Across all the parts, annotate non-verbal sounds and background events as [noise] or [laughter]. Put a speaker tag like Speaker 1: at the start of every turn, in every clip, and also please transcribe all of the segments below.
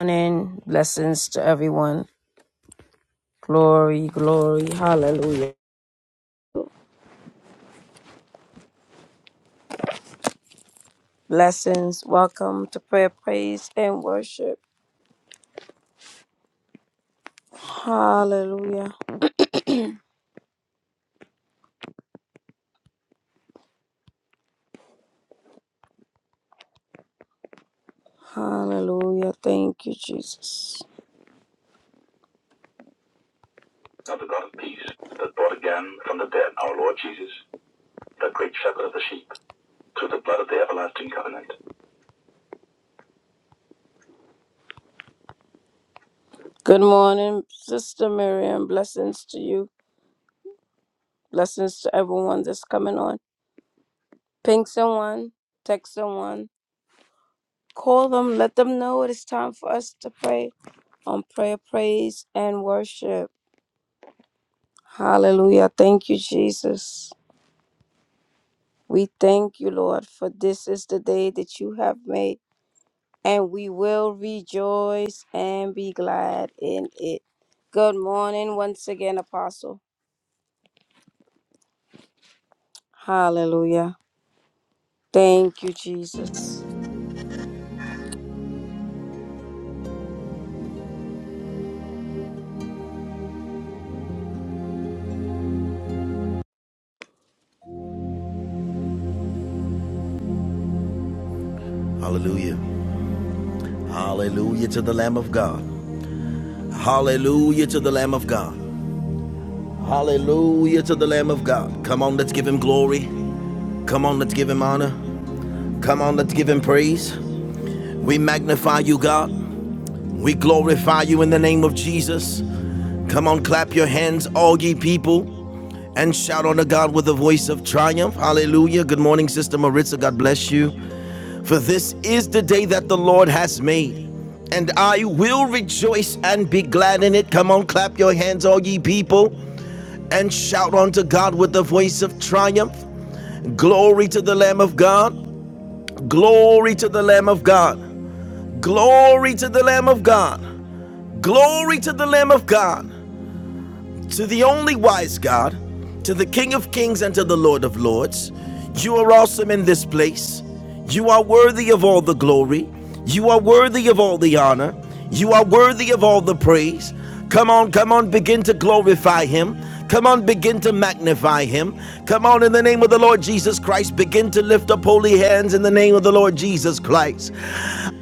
Speaker 1: morning. Blessings to everyone. Glory, glory, hallelujah. Blessings. Welcome to prayer, praise, and worship. Hallelujah, hallelujah. Thank you, Jesus. Now the God of peace that brought again from the dead our Lord Jesus, the great shepherd of the sheep, through the blood of the everlasting covenant. Good morning, Sister Miriam. Blessings to you. Blessings to everyone that's coming on. Ping someone, text someone Call them, let them know it is time for us to pray on prayer, praise, and worship. Hallelujah. Thank you, Jesus. We thank you, Lord, for this is the day that you have made, and we will rejoice and be glad in it. Good morning once again, Apostle. Hallelujah. Thank you, Jesus.
Speaker 2: Hallelujah. Hallelujah to the Lamb of God. Hallelujah to the Lamb of God. Hallelujah to the Lamb of God. Come on, let's give him glory. Come on, let's give him honor. Come on, let's give him praise. We magnify you, God. We glorify you in the name of Jesus. Come on, clap your hands, all ye people and shout unto God with a voice of triumph. Hallelujah. Good morning, Sister Maritza. God bless you. For this is the day that the Lord has made, and I will rejoice and be glad in it. Come on, clap your hands, all ye people, and shout unto God with the voice of triumph. Glory to the Lamb of God! Glory to the Lamb of God! Glory to the Lamb of God! Glory to the Lamb of God! To the only wise God, to the King of kings and to the Lord of lords, you are awesome in this place. You are worthy of all the glory. You are worthy of all the honor. You are worthy of all the praise. Come on, come on, begin to glorify Him. Come on, begin to magnify him. Come on, in the name of the Lord Jesus Christ, begin to lift up holy hands in the name of the Lord Jesus Christ.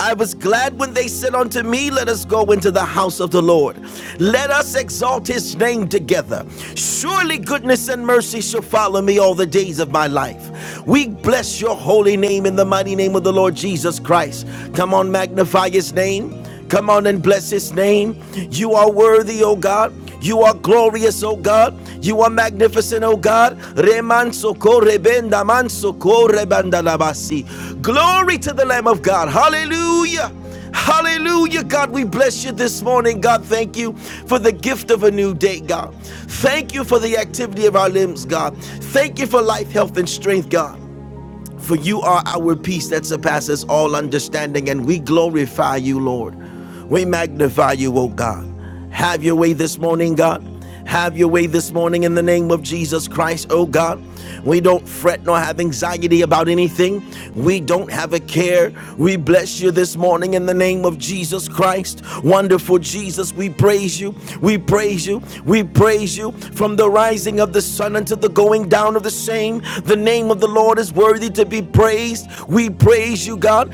Speaker 2: I was glad when they said unto me, Let us go into the house of the Lord. Let us exalt his name together. Surely goodness and mercy shall follow me all the days of my life. We bless your holy name in the mighty name of the Lord Jesus Christ. Come on, magnify his name. Come on and bless his name. You are worthy, O God. You are glorious, O God. You are magnificent, O God. Glory to the Lamb of God. Hallelujah. Hallelujah, God. We bless you this morning, God. Thank you for the gift of a new day, God. Thank you for the activity of our limbs, God. Thank you for life, health, and strength, God. For you are our peace that surpasses all understanding, and we glorify you, Lord. We magnify you, O God. Have your way this morning, God. Have your way this morning in the name of Jesus Christ, O God. We don't fret nor have anxiety about anything. We don't have a care. We bless you this morning in the name of Jesus Christ. Wonderful Jesus, we praise you. We praise praise you. We praise you from the rising of the sun until the going down of the same. The name of the Lord is worthy to be praised. We praise you, God.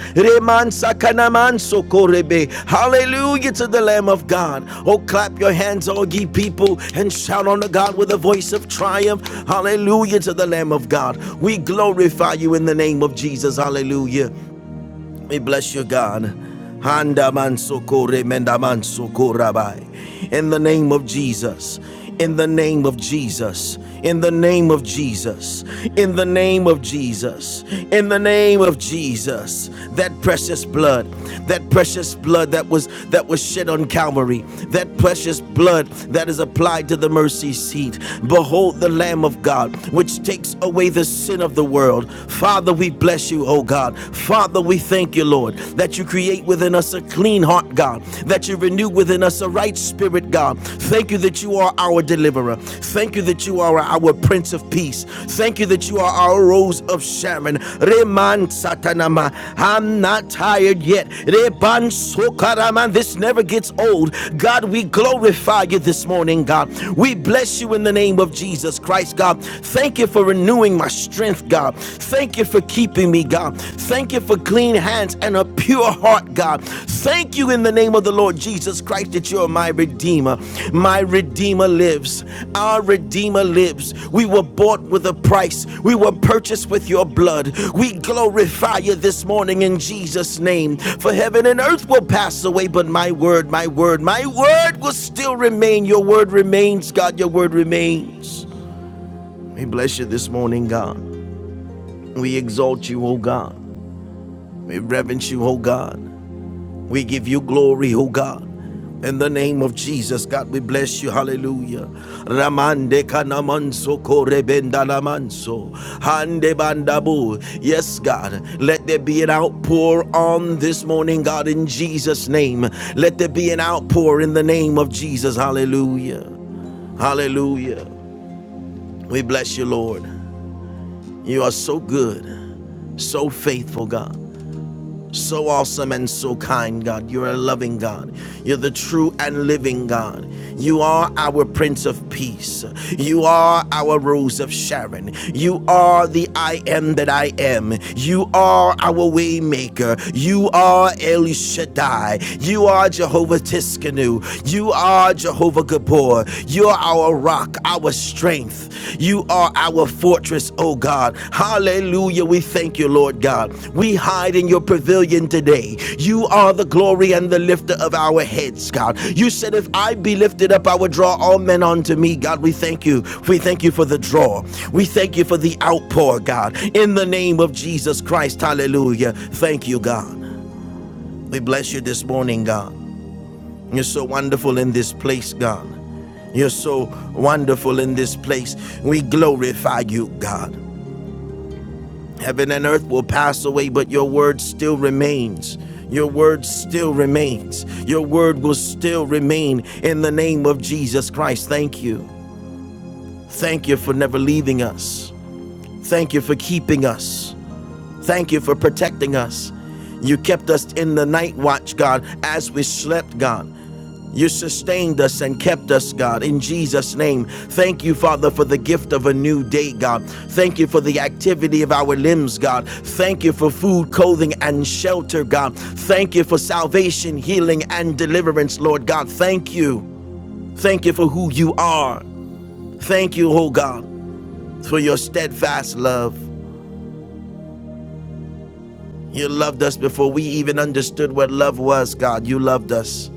Speaker 2: Hallelujah to the Lamb of God. Oh, clap your hands, all ye people, and shout unto God with a voice of triumph. Hallelujah to the Lamb of God. We glorify you in the name of Jesus. Hallelujah. We bless you, God. Handa mansoko remenda In the name of Jesus. In the name of Jesus. In the name of Jesus. In the name of Jesus. In the name of Jesus. That precious blood. That precious blood that was that was shed on Calvary. That precious blood that is applied to the mercy seat. Behold the Lamb of God, which takes away the sin of the world. Father, we bless you, oh God. Father, we thank you, Lord, that you create within us a clean heart, God, that you renew within us a right spirit, God. Thank you that you are our deliverer. Thank you that you are our Prince of Peace. Thank you that you are our Rose of Sharon. Reman Satanama. I'm not tired yet. Reban Sokaraman. This never gets old. God, we glorify you this morning, God. We bless you in the name of Jesus Christ, God. Thank you for renewing my strength, God. Thank you for keeping me, God. Thank you for clean hands and a pure heart, God. Thank you in the name of the Lord Jesus Christ that you are my Redeemer. My Redeemer lives. Our Redeemer lives. We were bought with a price, we were purchased with your blood. We glorify you this morning in Jesus' name. For heaven and earth will pass away, but my word, my word, my word will still remain. Your word remains, God. Your word remains. We bless you this morning, God. We exalt you, O God. We reverence you, O God. We give you glory, O God. In the name of Jesus, God, we bless you. Hallelujah. Ramande kanamanso korebendalamanso. Hande bandabu. Yes, God. Let there be an outpour on this morning, God, in Jesus' name. Let there be an outpour in the name of Jesus. Hallelujah. Hallelujah. We bless you, Lord. You are so good, so faithful, God. So awesome and so kind, God. You're a loving God. You're the true and living God. You are our Prince of Peace. You are our Rose of Sharon. You are the I am that I am. You are our Waymaker. You are El Shaddai. You are Jehovah Tiskanu. You are Jehovah Gabor. You're our rock, our strength. You are our fortress, oh God. Hallelujah. We thank you, Lord God. We hide in your pavilion today. You are the glory and the lifter of our heads, God. You said, If I be lifted up, I will draw all men unto me, God. We thank you. We thank you for the draw. We thank you for the outpour, God. In the name of Jesus Christ, hallelujah. Thank you, God. We bless you this morning, God. You're so wonderful in this place, God. You're so wonderful in this place. We glorify you, God. Heaven and earth will pass away, but your word still remains. Your word still remains. Your word will still remain in the name of Jesus Christ. Thank you. Thank you for never leaving us. Thank you for keeping us. Thank you for protecting us. You kept us in the night watch, God, as we slept, God. You sustained us and kept us, God, in Jesus' name. Thank you, Father, for the gift of a new day, God. Thank you for the activity of our limbs, God. Thank you for food, clothing, and shelter, God. Thank you for salvation, healing, and deliverance, Lord God. Thank you. Thank you for who you are. Thank you, oh God, for your steadfast love. You loved us before we even understood what love was, God. You loved us.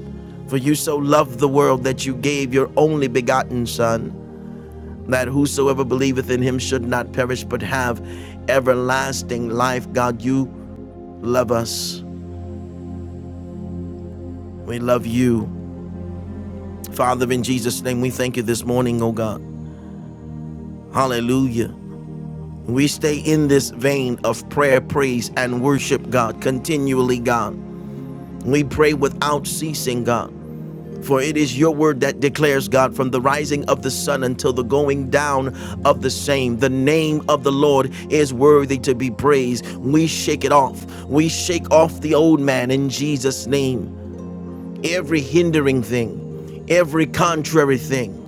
Speaker 2: For you so loved the world that you gave your only begotten Son, that whosoever believeth in him should not perish but have everlasting life. God, you love us. We love you. Father, in Jesus' name, we thank you this morning, oh God. Hallelujah. We stay in this vein of prayer, praise, and worship, God, continually, God. We pray without ceasing, God. For it is your word that declares, God, from the rising of the sun until the going down of the same, the name of the Lord is worthy to be praised. We shake it off. We shake off the old man in Jesus' name. Every hindering thing, every contrary thing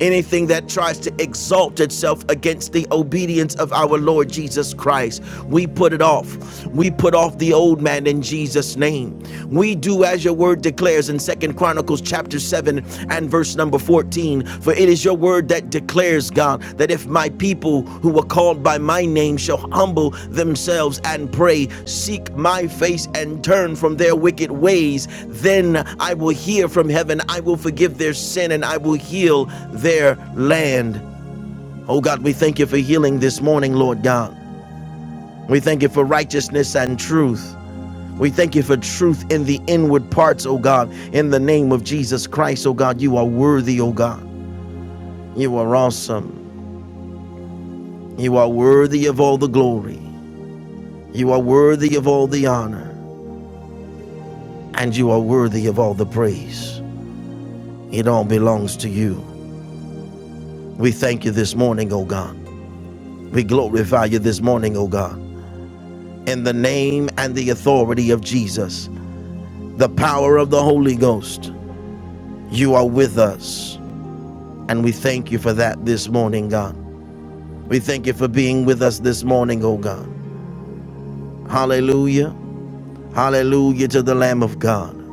Speaker 2: anything that tries to exalt itself against the obedience of our Lord Jesus Christ. We put it off. We put off the old man in Jesus' name. We do as your word declares in Second Chronicles chapter 7 and verse number 14. For it is your word that that declares, God, that if my people who are called by my name shall humble themselves and pray, seek my face, and turn from their wicked ways, then I will hear from heaven, I will forgive their sin, and I will heal their land. Oh God, we thank you for healing this morning, Lord God. We thank you for righteousness and truth. We thank you for truth in the inward parts, oh God, in the name of Jesus Christ, oh God. You are worthy, oh God. You are awesome. You are worthy of all the glory. You are worthy of all the honor. And you are worthy of all the praise. It all belongs to you. We thank you this morning, O God. We glorify you this morning, O God. In the name and the authority of Jesus, the power of the Holy Ghost, you are with us. And we thank you for that this morning, God. We thank you for being with us this morning, O God. Hallelujah. Hallelujah to the Lamb of God.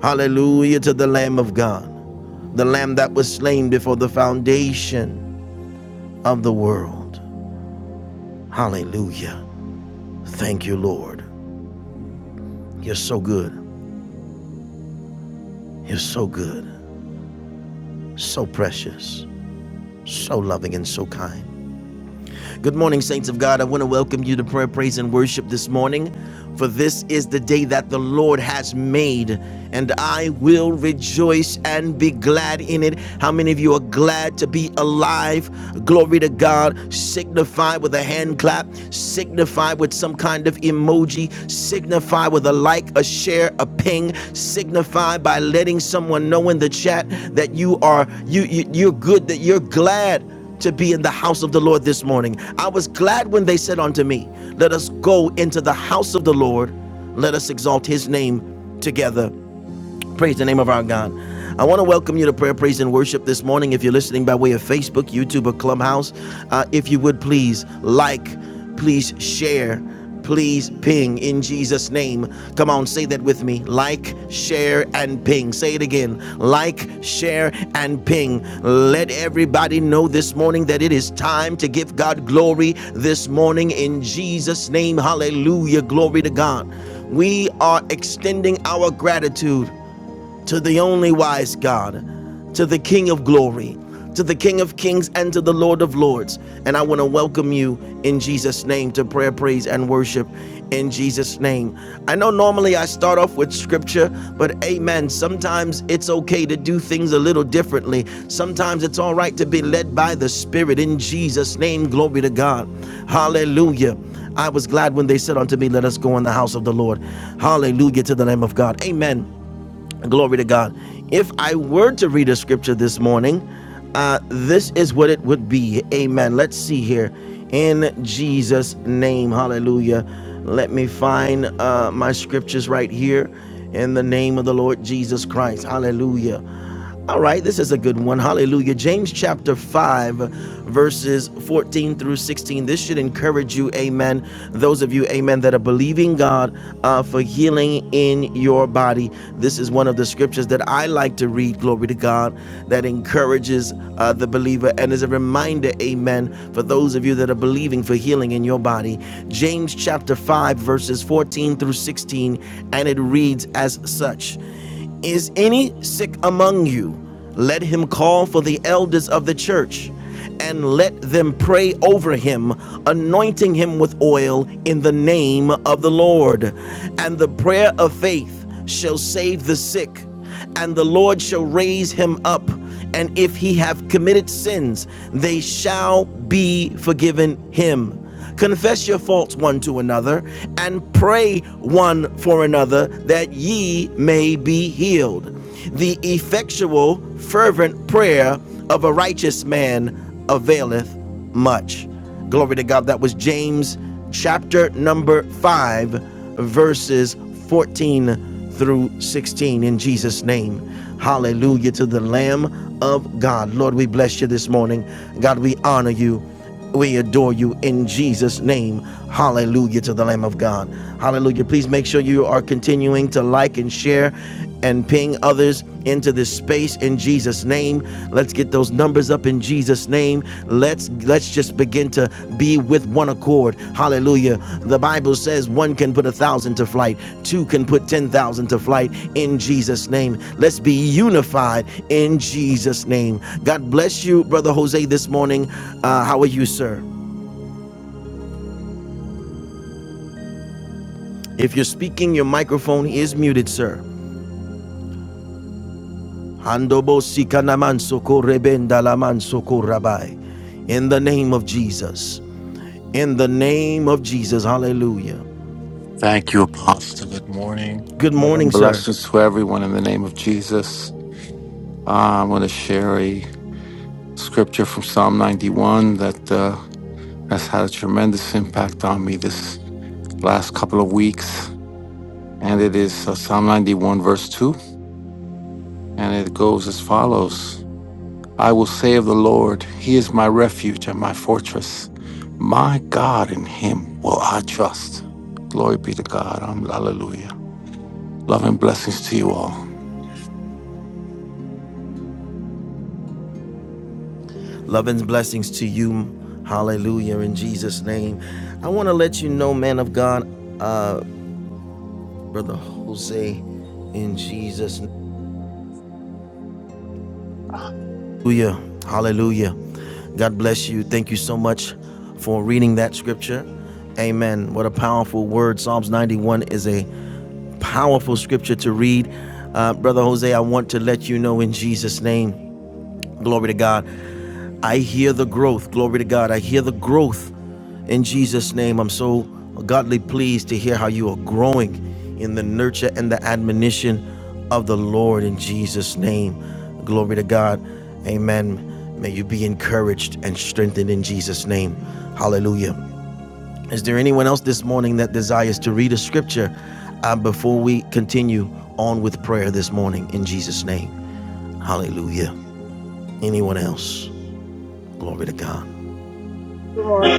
Speaker 2: Hallelujah to the Lamb of God. the lamb that was slain before the foundation of the world. Hallelujah. Thank you, Lord. You're so good. You're so good, so precious, so loving, and so kind. Good morning, saints of God. I want to welcome you to prayer, praise, and worship this morning. For this is the day that the Lord has made, and I will rejoice and be glad in it. How many of you are glad to be alive? Glory to God. Signify with a hand clap, signify with some kind of emoji, signify with a like, a share, a ping, signify by letting someone know in the chat that you are you, you you're good, that you're glad to be in the house of the Lord this morning. I was glad when they said unto me, Let us go into the house of the Lord. Let us exalt his name together. Praise the name of our God. I want to welcome you to prayer, praise, and worship this morning. If you're listening by way of Facebook, YouTube, or Clubhouse, uh, if you would please like, please share, please ping in Jesus' name. Come on, say that with me. Like, share, and ping. Say it again. Like, share, and ping. Let everybody know this morning that it is time to give God glory this morning in Jesus' name. Hallelujah. Glory to God. We are extending our gratitude to the only wise God, to the King of glory, to the King of kings, and to the Lord of lords. And I want to welcome you in Jesus' name to prayer, praise, and worship in Jesus' name. I know normally I start off with scripture, but amen. Sometimes it's okay to do things a little differently. Sometimes it's all right to be led by the Spirit in Jesus' name. Glory to God. Hallelujah. I was glad when they said unto me, Let us go in the house of the Lord. Hallelujah to the name of God. Amen. Glory to God. If I were to read a scripture this morning, uh, this is what it would be. Amen. Let's see here. In Jesus' name, hallelujah. Let me find uh, my scriptures right here in the name of the Lord Jesus Christ. Hallelujah. All right, this is a good one. Hallelujah. James chapter 5, verses 14 through 16. This should encourage you, amen. Those of you, amen, that are believing God uh, for healing in your body. This is one of the scriptures that I like to read, glory to God, that encourages uh, the believer and is a reminder, amen, for those of you that are believing for healing in your body. James chapter 5, verses 14 through 16, and it reads as such. Is any sick among you? Let him call for the elders of the church and let them pray over him, anointing him with oil in the name of the Lord. And the prayer of faith shall save the sick, and the Lord shall raise him up. And if he have committed sins, they shall be forgiven him. Confess your faults one to another and pray one for another that ye may be healed. The effectual, fervent prayer of a righteous man availeth much. Glory to God. That was James chapter number 5, verses 14 through 16. In Jesus' name. Hallelujah to the Lamb of God. Lord, we bless you this morning. God, we honor you. We adore you in Jesus' name. Hallelujah to the Lamb of God. Hallelujah. Please make sure you are continuing to like and share and ping others into this space in Jesus' name. Let's get those numbers up in Jesus' name. Let's let's just begin begin to be with one accord. Hallelujah. The Bible says one can put a thousand to flight, two can put 10,000 to flight in Jesus' name. Let's be unified in Jesus' name. God bless you, Brother Jose, this morning. Uh, how are you, sir? If you're speaking, your microphone is muted, sir. In the name of Jesus. In the name of Jesus. Hallelujah.
Speaker 3: Thank you, Apostle. Good morning.
Speaker 2: Good
Speaker 3: Love
Speaker 2: morning,
Speaker 3: and
Speaker 2: sir.
Speaker 3: blessings to everyone in the name of Jesus. Uh, I want to share a scripture from Psalm 91 that uh, has had a tremendous impact on me this last couple of weeks. And it is uh, Psalm 91, verse 2. And it goes as follows I will say of the Lord, He is my refuge and my fortress. My God, in Him will I trust. Glory be to God. Um, Hallelujah. Love and blessings to you all.
Speaker 2: Love and blessings to you. Hallelujah in Jesus' name. I want to let you know, man of God, uh, Brother Jose, in Jesus. name. Hallelujah. Hallelujah. God bless you. Thank you so much for reading that scripture. Amen. What a powerful word. Psalms 91 is a powerful scripture to read. Uh, Brother Jose, I want to let you know in Jesus' name. Glory to God. I hear the growth. Glory to God. I hear the growth in Jesus' name. I'm so godly pleased to hear how you are growing in the nurture and the admonition of the Lord in Jesus' name. Glory to God. Amen. May you be encouraged and strengthened in Jesus' name. Hallelujah. Is there anyone else this morning that desires to read a scripture uh, before we continue on with prayer this morning in Jesus' name? Hallelujah. Anyone else? Glory to God.
Speaker 1: Good morning.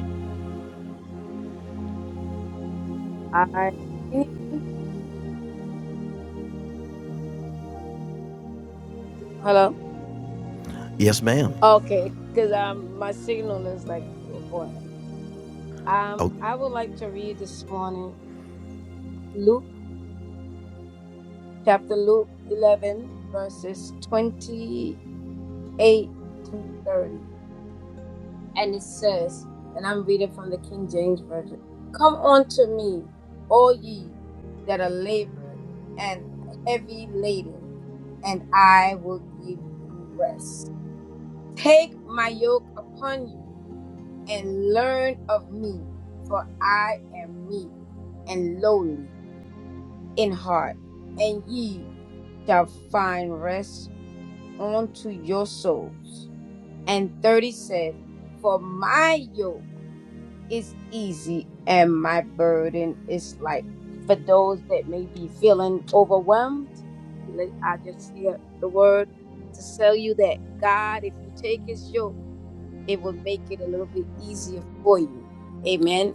Speaker 1: I, hello.
Speaker 2: Yes, ma'am.
Speaker 1: Okay, because um, my signal is like, Um,
Speaker 2: Oh,
Speaker 1: I would like to read this morning Luke chapter Luke 11 verses 28 through 30. And it says, and I'm reading from the King James version. Come unto me, all ye that are labored and heavy laden, and I will give you rest. Take my yoke upon you and learn of me, for I am meek and lowly in heart, and ye shall find rest unto your souls. And 30 says, For my yoke is easy and my burden is light. For those that may be feeling overwhelmed, let- I just hear the word to tell you that God, if you take his yoke, it will make it a little bit easier for you. Amen.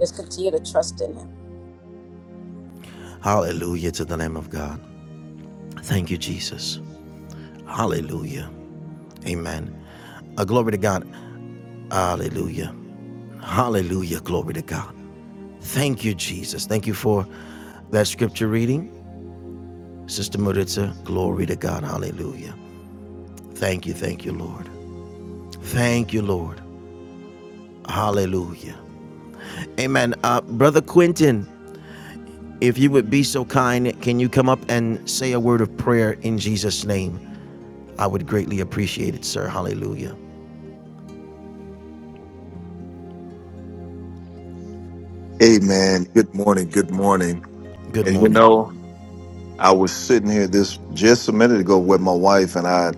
Speaker 1: Just continue to trust in him.
Speaker 2: hallelujah to the name of God. Thank you, Jesus. Hallelujah. Amen. Uh, glory to God. Hallelujah. Hallelujah. Glory to God. Thank you, Jesus. Thank you for that scripture reading, Sister Maritza. Glory to God. Hallelujah. Thank you. Thank you, Lord. Thank you, Lord. Hallelujah. Amen. Uh, Brother Quentin, if you would be so kind, can you come up and say a word of prayer in Jesus' name? I would greatly appreciate it, sir. Hallelujah.
Speaker 4: Amen. Good morning. Good morning.
Speaker 2: Good
Speaker 4: And you
Speaker 2: morning.
Speaker 4: know, I was sitting here this just a minute ago with my wife, and I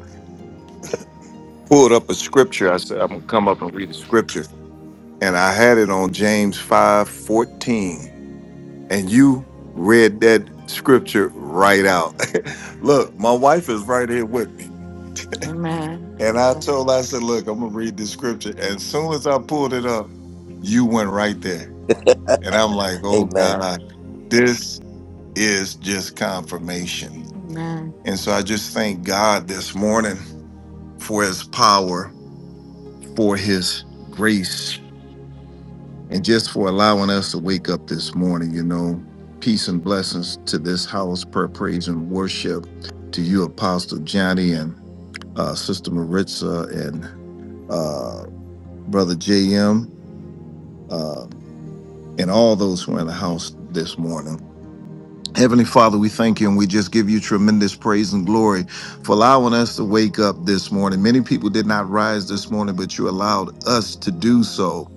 Speaker 4: pulled up a scripture. I said, I'm gonna come up and read a scripture. And I had it on James 5 14. And you read that scripture right out. [laughs] Look, my wife is right here with me. Amen. [laughs] And I told her, I said, Look, I'm gonna read this scripture. As soon as I pulled it up, you went right there. And I'm like, oh
Speaker 5: Amen.
Speaker 4: God, this is just confirmation. Amen. And so I just thank God this morning for his power, for his grace, and just for allowing us to wake up this morning. You know, peace and blessings to this house, prayer, praise, and worship to you, Apostle Johnny and uh, Sister Maritza and uh, Brother JM uh, and all those who are in the house this morning. Heavenly Father, we thank you and we just give you tremendous praise and glory for allowing us to wake up this morning. Many people did not rise this morning, but you allowed us to do so.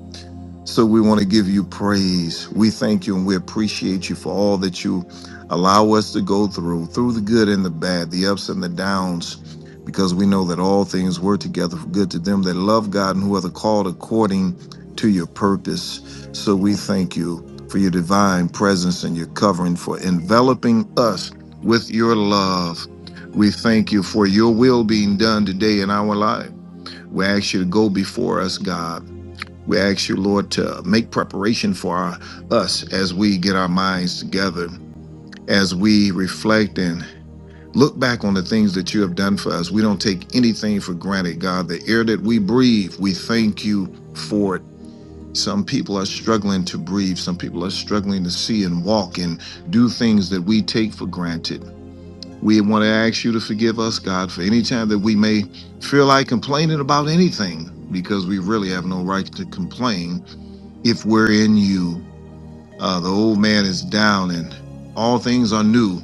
Speaker 4: So we want to give you praise. We thank you and we appreciate you for all that you allow us to go through, through the good and the bad, the ups and the downs, because we know that all things work together for good to them that love God and who are the called according to your purpose. So we thank you for your divine presence and your covering for enveloping us with your love. We thank you for your will being done today in our life. We ask you to go before us, God we ask you, Lord, to make preparation for our, us as we get our minds together, as we reflect and look back on the things that you have done for us. We don't take anything for granted, God. The air that we breathe, we thank you for it. Some people are struggling to breathe, some people are struggling to see and walk and do things that we take for granted. We want to ask you to forgive us, God, for any time that we may feel like complaining about anything because we really have no right to complain if we're in you. Uh, the old man is down and all things are new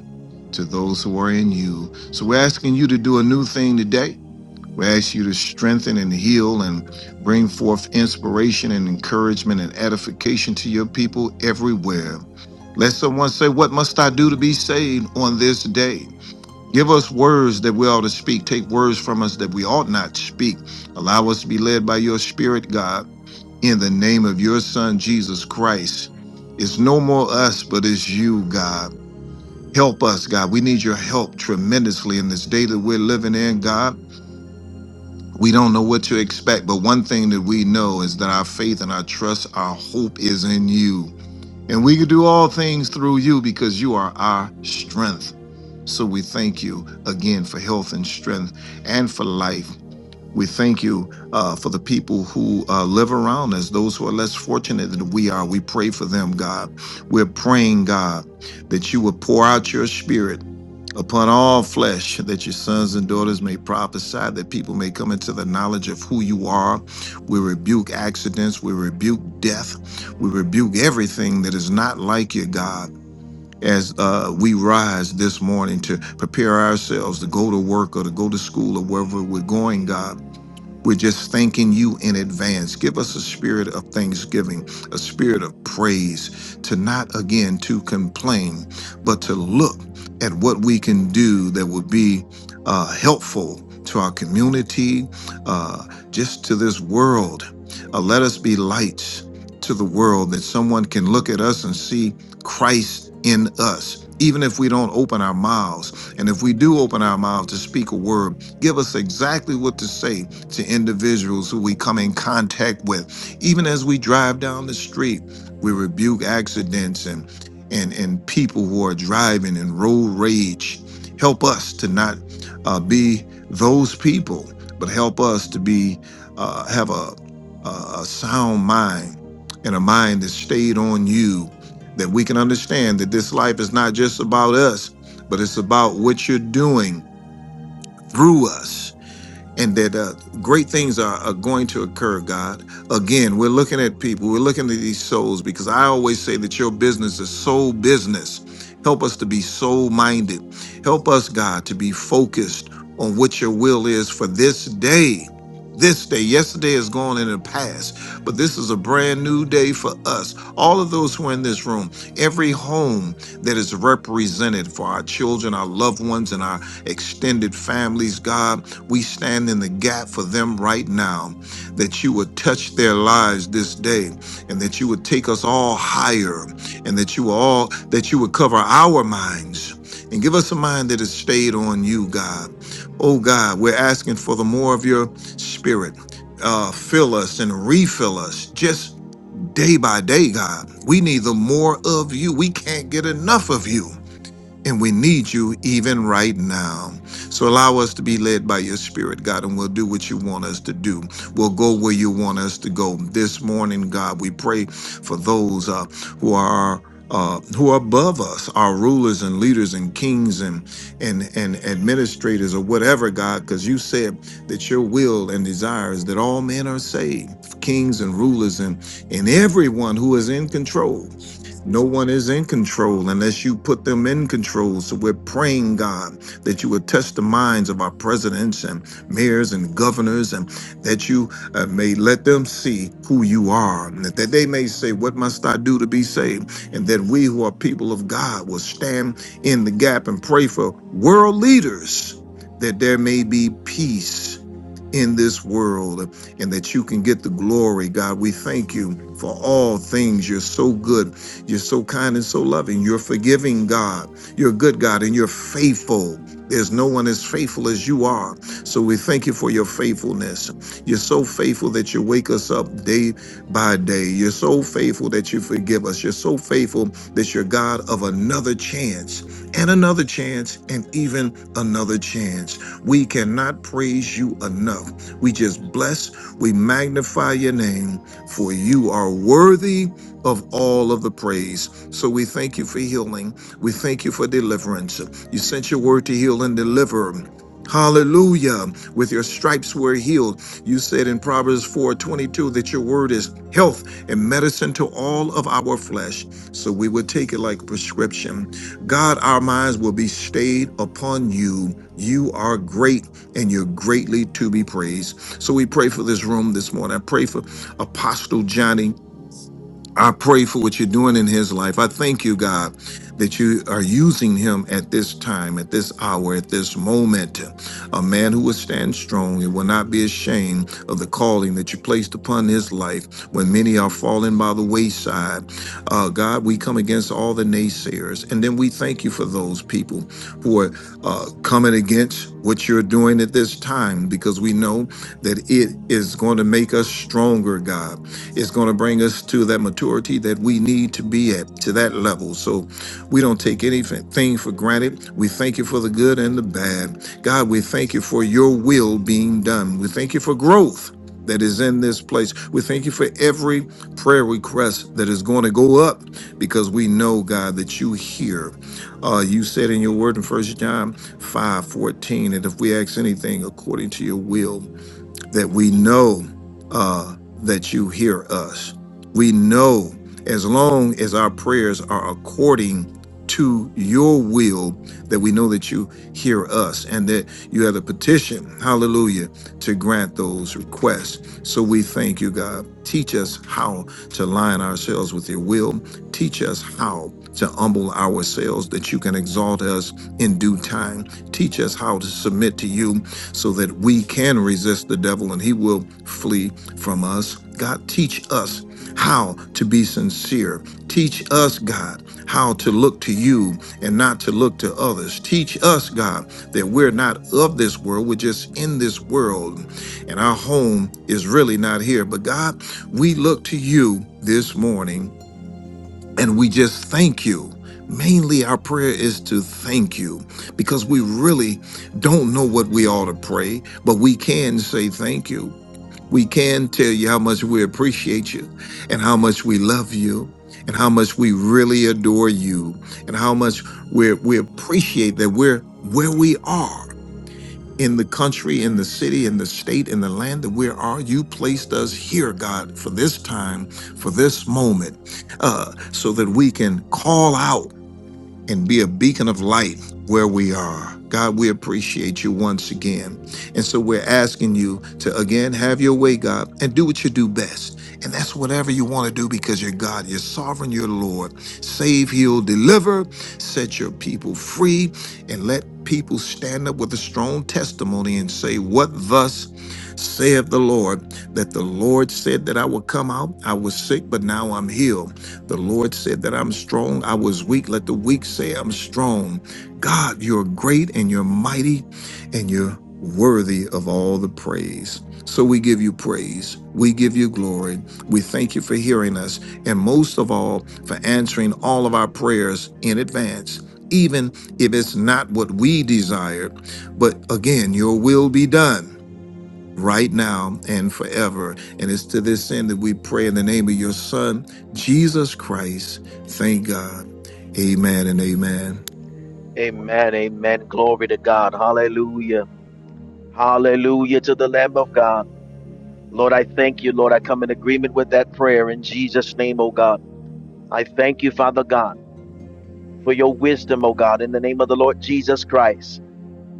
Speaker 4: to those who are in you. So we're asking you to do a new thing today. We ask you to strengthen and heal and bring forth inspiration and encouragement and edification to your people everywhere. Let someone say, What must I do to be saved on this day? Give us words that we ought to speak. Take words from us that we ought not speak. Allow us to be led by your spirit, God in the name of your son, Jesus Christ. It's no more us, but it's you, God. Help us, God. We need your help tremendously in this day that we're living in, God. We don't know what to expect, but one thing that we know is that our faith and our trust, our hope is in you. And we can do all things through you because you are our strength. So we thank you again for health and strength and for life. We thank you uh, for the people who uh, live around us, those who are less fortunate than we are. We pray for them, God. We're praying, God, that you will pour out your spirit upon all flesh, that your sons and daughters may prophesy, that people may come into the knowledge of who you are. We rebuke accidents, we rebuke death, we rebuke everything that is not like you, God. As uh, we rise this morning to prepare ourselves to go to work or to go to school or wherever we're going, God, we're just thanking you in advance. Give us a spirit of thanksgiving, a spirit of praise, to not again to complain, but to look at what we can do that would be uh, helpful to our community, uh, just to this world. Uh, let us be lights to the world that someone can look at us and see Christ in us. Even if we don't open our mouths, and if we do open our mouths to speak a word, give us exactly what to say to individuals who we come in contact with. Even as we drive down the street, we rebuke accidents and and and people who are driving in road rage. Help us to not uh, be those people, but help us to be uh, have a, a a sound mind and a mind that's stayed on you. That we can understand that this life is not just about us, but it's about what you're doing through us and that uh, great things are, are going to occur, God. Again, we're looking at people, we're looking at these souls because I always say that your business is soul business. Help us to be soul minded. Help us, God, to be focused on what your will is for this day. This day, yesterday is gone in the past, but this is a brand new day for us. All of those who are in this room, every home that is represented for our children, our loved ones, and our extended families, God. We stand in the gap for them right now, that you would touch their lives this day, and that you would take us all higher, and that you will all that you would cover our minds and give us a mind that is stayed on you, God. Oh God, we're asking for the more of your spirit. Uh, fill us and refill us just day by day, God. We need the more of you. We can't get enough of you and we need you even right now. So allow us to be led by your spirit, God, and we'll do what you want us to do. We'll go where you want us to go. This morning, God, we pray for those uh, who are uh, who are above us, our rulers and leaders and kings and and and administrators or whatever, God, because you said that your will and desire is that all men are saved, kings and rulers and and everyone who is in control. No one is in control unless you put them in control. So we're praying, God, that you would touch the minds of our presidents and mayors and governors, and that you uh, may let them see who you are, and that that they may say, What must I do to be saved? And that we who are people of God will stand in the gap and pray for world leaders that there may be peace in this world and that you can get the glory, God. We thank you for all things. You're so good. You're so kind and so loving. You're forgiving, God. You're a good God and you're faithful. There's no one as faithful as you are. So we thank you for your faithfulness. You're so faithful that you wake us up day by day. You're so faithful that you forgive us. You're so faithful that you're God of another chance and another chance and even another chance. We cannot praise you enough. We just bless, we magnify your name, for you are worthy of all of the praise. So we thank you for healing. We thank you for deliverance. You sent your word to heal and deliver. Hallelujah. With your stripes we're healed. You said in Proverbs 4 22 that your word is health and medicine to all of our flesh. So we would take it like a prescription. God, our minds will be stayed upon you. You are great and you're greatly to be praised. So we pray for this room this morning. I pray for Apostle Johnny. I pray for what you're doing in his life. I thank you, God, that you are using him at this time, at this hour, at this moment. A man who will stand strong and will not be ashamed of the calling that you placed upon his life when many are falling by the wayside. Uh, God, we come against all the naysayers. And then we thank you for those people who are uh, coming against what you're doing at this time because we know that it is going to make us stronger, God is going to bring us to that maturity that we need to be at, to that level. So we don't take anything for granted. We thank you for the good and the bad. God, we thank you for your will being done. We thank you for growth that is in this place. We thank you for every prayer request that is going to go up because we know, God, that you hear. Uh, you said in your word in First John five fourteen, and if we ask anything according to your will, that we know uh, that you hear us. We know as long as our prayers are according to your will, that we know that you hear us and that you have the petition, hallelujah, to grant those requests. So we thank you, God. Teach us how to line ourselves with your will. Teach us how to humble ourselves that you can exalt us in due time. Teach us how to submit to you so that we can resist the devil and he will flee from us. God, teach us how to be sincere. Teach us, God, how to look to you and not to look to others. Teach us, God, that we're not of this world, we're just in this world, and our home is really not here. But God, we look to you this morning and we just thank you. Mainly, our prayer is to thank you because we really don't know what we ought to pray, but we can say thank you. We can tell you how much we appreciate you and how much we love you and how much we really adore you and how much we we appreciate that we're where we are in the country, in the city, in the state, in the land that we are. You placed us here, God, for this time, for this moment, uh, so that we can call out and be a beacon of light where we are. God, we appreciate you once again. And so we're asking you to again have your way, God, and do what you do best. And that's whatever you want to do because you're God, you're sovereign, you're Lord. Save, heal, deliver, set your people free, and let people stand up with a strong testimony and say, What thus saith the Lord? That the Lord said that I would come out, I was sick, but now I'm healed. The Lord said that I'm strong. I was weak. Let the weak say I'm strong. God, you're great and you're mighty and you're worthy of all the praise. So we give you praise. We give you glory. We thank you for hearing us. And most of all, for answering all of our prayers in advance, even if it's not what we desired. But again, your will be done right now and forever. And it's to this end that we pray in the name of your Son, Jesus Christ. Thank God. Amen and amen.
Speaker 5: Amen. Amen. Glory to God. Hallelujah. Hallelujah to the Lamb of God. Lord, I thank you, Lord. I come in agreement with that prayer in Jesus' name, O God. I thank you, Father God, for your wisdom, O God, in the name of the Lord Jesus Christ.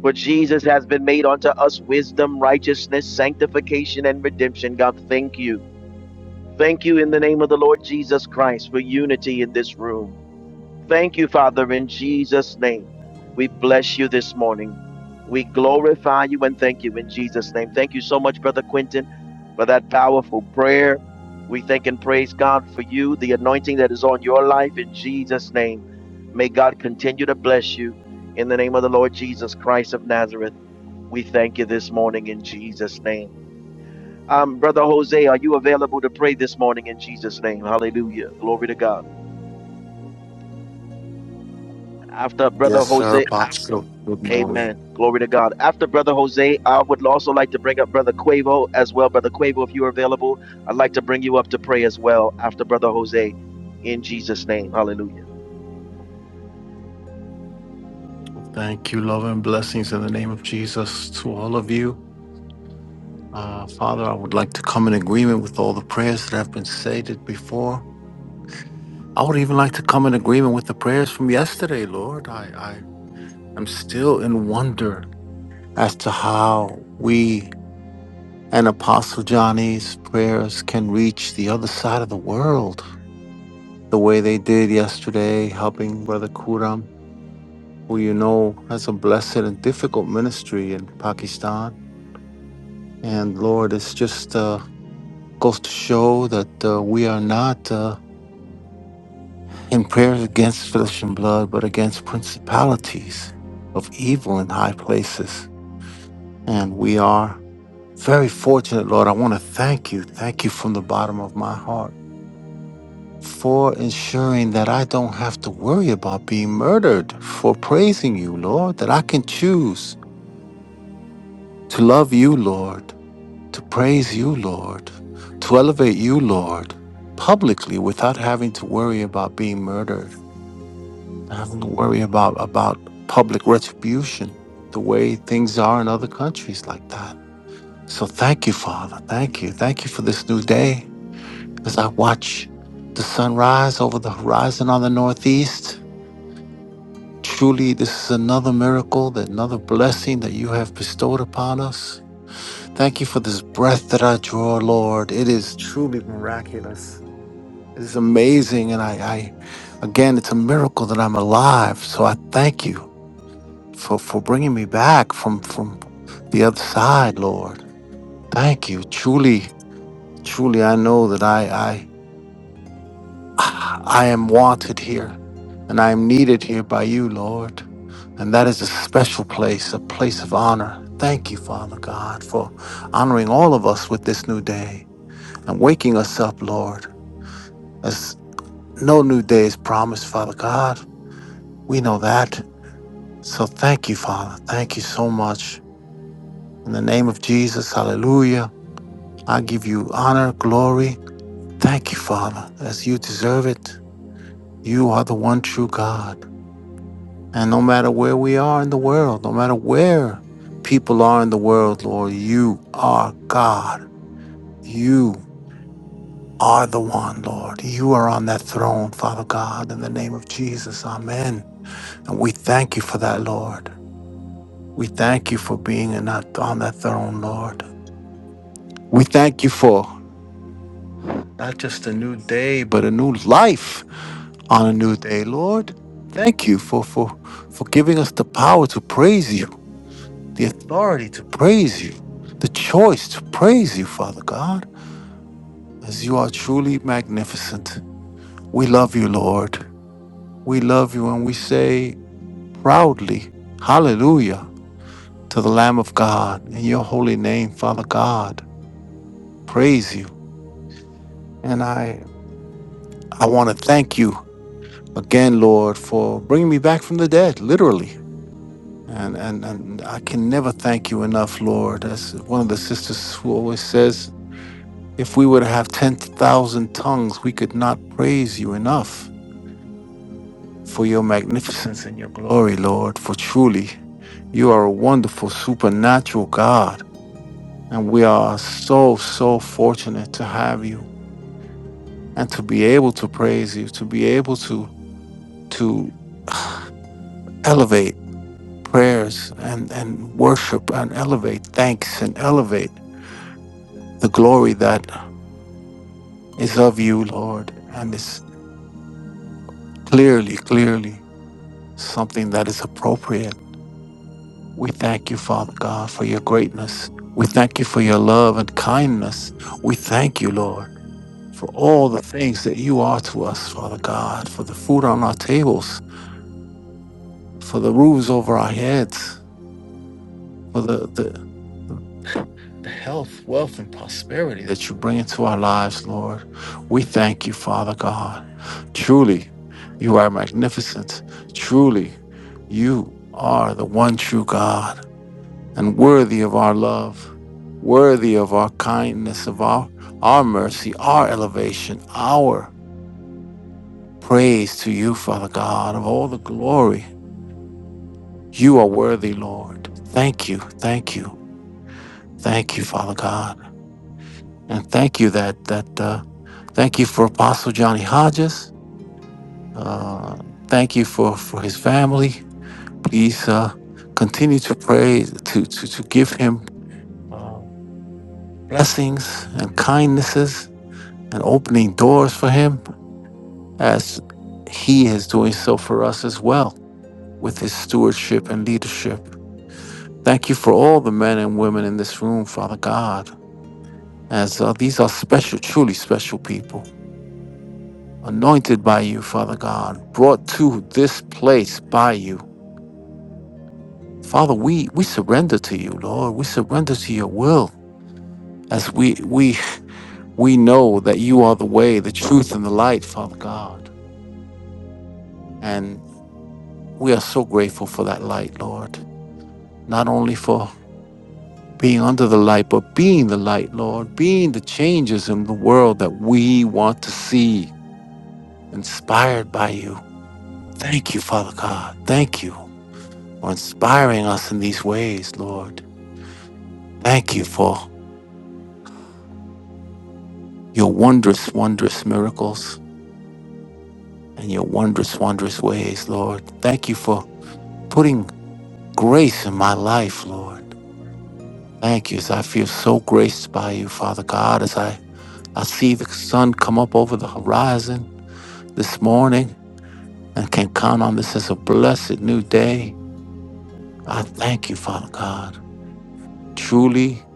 Speaker 5: For Jesus has been made unto us wisdom, righteousness, sanctification, and redemption. God, thank you. Thank you in the name of the Lord Jesus Christ for unity in this room. Thank you, Father, in Jesus' name. We bless you this morning. We glorify you and thank you in Jesus' name. Thank you so much, Brother Quentin, for that powerful prayer. We thank and praise God for you, the anointing that is on your life in Jesus' name. May God continue to bless you in the name of the Lord Jesus Christ of Nazareth. We thank you this morning in Jesus' name. Um, Brother Jose, are you available to pray this morning in Jesus' name? Hallelujah. Glory to God after brother
Speaker 3: Yes, sir,
Speaker 5: Jose.
Speaker 3: Apostle. Good morning.
Speaker 5: Amen. Glory to God. After Brother Jose, I would also like to bring up Brother Quavo as well. Brother Quavo, if you are available, I'd like to bring you up to pray as well after Brother Jose in Jesus' name. Hallelujah.
Speaker 3: Thank you, love and blessings in the name of Jesus to all of you. Uh, Father, I would like to come in agreement with all the prayers that have been stated before. I would even like to come in agreement with the prayers from yesterday, Lord. I, I am still in wonder as to how we and Apostle Johnny's prayers can reach the other side of the world the way they did yesterday, helping Brother Kuram. who you know has a blessed and difficult ministry in Pakistan. And Lord, it's just uh, goes to show that uh, we are not uh, in prayer against flesh and blood, but against principalities of evil in high places. And we are very fortunate, Lord. I want to thank you. Thank you from the bottom of my heart for ensuring that I don't have to worry about being murdered for praising you, Lord, that I can choose to love you, Lord to praise you, Lord, to elevate you, Lord, publicly without having to worry about being murdered, having to worry about, about public retribution the way things are in other countries like that. So thank you, Father. Thank you. Thank you for this new day as I watch the sun rise over the horizon on the northeast. Truly, this is another miracle, that another blessing that you have bestowed upon us. Thank you for this breath that I draw, Lord. It is truly miraculous. It is amazing. And I, I again, it's a miracle that I'm alive. So I thank you for, for bringing me back from, from the other side, Lord. Thank you. Truly, truly, I know that I, I, I am wanted here and I am needed here by you, Lord. And that is a special place, a place of honor. Thank you, Father God, for honoring all of us with this new day. and waking us up, Lord, as no new day is promised, Father God. We know that. So thank you, Father. Thank you so much. In the name of Jesus, hallelujah. I give you honor, glory. Thank you, Father, as you deserve it. You are the one true God. And no matter where we are in the world, no matter where people are in the world, Lord, you are God. You are the one, Lord. You are on that throne, Father God, in the name of Jesus. Amen. And we thank you for that, Lord. We thank you for being in that, on that throne, Lord. We thank you for not just a new day, but a new life on a new day, Lord. Thank you for, for, for giving us the power to praise you, the authority to praise you, the choice to praise you, Father God, as you are truly magnificent. We love you, Lord. We love you, and we say proudly, Hallelujah. to the Lamb of God. In your holy name, Father God, praise you. And I, I want to thank you again, Lord, for bringing me back from the dead, literally. And, and, and I can never thank you enough, Lord. As one of the sisters who always says, if we were to have 10,000 tongues, we could not praise you enough for your magnificence and your glory, Lord. For truly, you are a wonderful, supernatural God. And we are so, so fortunate to have you. and to be able to praise you, to be able to to elevate prayers and, and worship and elevate thanks and elevate the glory that is of you, Lord, and is clearly, clearly something that is appropriate. We thank you, Father God, for your greatness. We thank you for your love and kindness. We thank you, Lord, for all the things that you are to us, Father God, for the food on our tables, for the roofs over our heads, for the, the the health, wealth, and prosperity that you bring into our lives, Lord. We thank you, Father God. Truly, you are magnificent. Truly, you are the one true God and worthy of our love, worthy of our kindness, of our, our mercy, our elevation, our praise to you, Father God, of all the glory. You are worthy, Lord. Thank you, thank you, thank you, Father God. And thank you that that uh, Thank you for Apostle Johnny Hodges. Uh, thank you for, for his family. Please uh, continue to pray to, to, to give him uh, blessings and kindnesses and opening doors for him as he is doing so for us as well with his stewardship and leadership. Thank you for all the men and women in this room, Father God, as uh, these are special, truly special people anointed by you, Father God, brought to this place by you. Father, we, we surrender to you, Lord. We surrender to your will as we, we, we know that you are the way, the truth, and the light, Father God. And we are so grateful for that light, Lord. Not only for being under the light, but being the light, Lord, being the changes in the world that we want to see, inspired by you. Thank you, Father God. Thank you for inspiring us in these ways, Lord. Thank you for your wondrous, wondrous miracles. and your wondrous, wondrous ways, Lord. Thank you for putting grace in my life, Lord. Thank you as I feel so graced by you, Father God, as I, I see the sun come up over the horizon this morning and can count on this as a blessed new day. I thank you, Father God. Truly,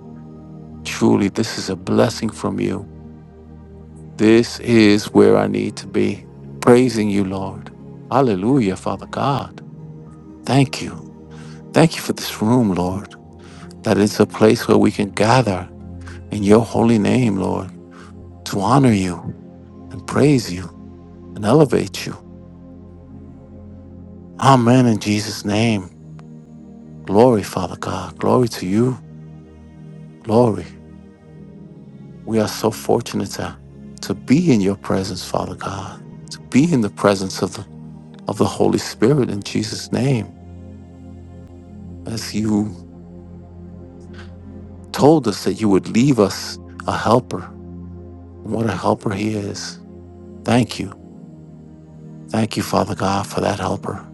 Speaker 3: truly, this is a blessing from you. This is where I need to be. Praising you, Lord. Hallelujah, Father God. Thank you. Thank you for this room, Lord. that it's a place where we can gather in your holy name, Lord, to honor you and praise you and elevate you. Amen. In Jesus' name. Glory, Father God. Glory to you. Glory. We are so fortunate to, to be in your presence, Father God, to be in the presence of the, of the Holy Spirit in Jesus' name. As you told us that you would leave us a helper, and what a helper he is. Thank you. Thank you, Father God, for that helper.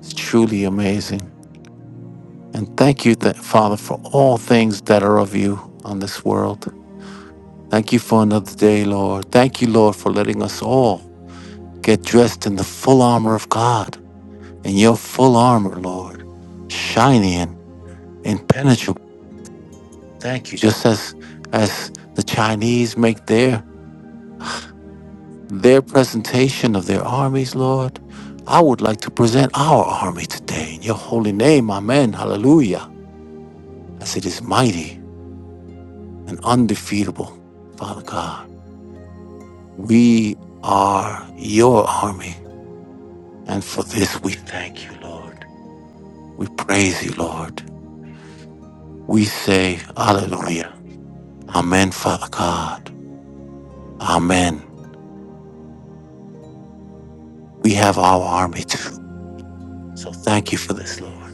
Speaker 3: It's truly amazing. And thank you, th- Father, for all things that are of you on this world. Thank you for another day, Lord. Thank you, Lord, for letting us all get dressed in the full armor of God, in your full armor, Lord, shiny and impenetrable. Thank you. Just as as the Chinese make their their presentation of their armies, Lord, I would like to present our army today in your holy name. Amen. Hallelujah. As it is mighty and undefeatable, Father God. We are your army. And for this we thank you, Lord. We praise you, Lord. We say, Hallelujah. Amen, Father God. Amen. We have our army too. So thank you for this, Lord.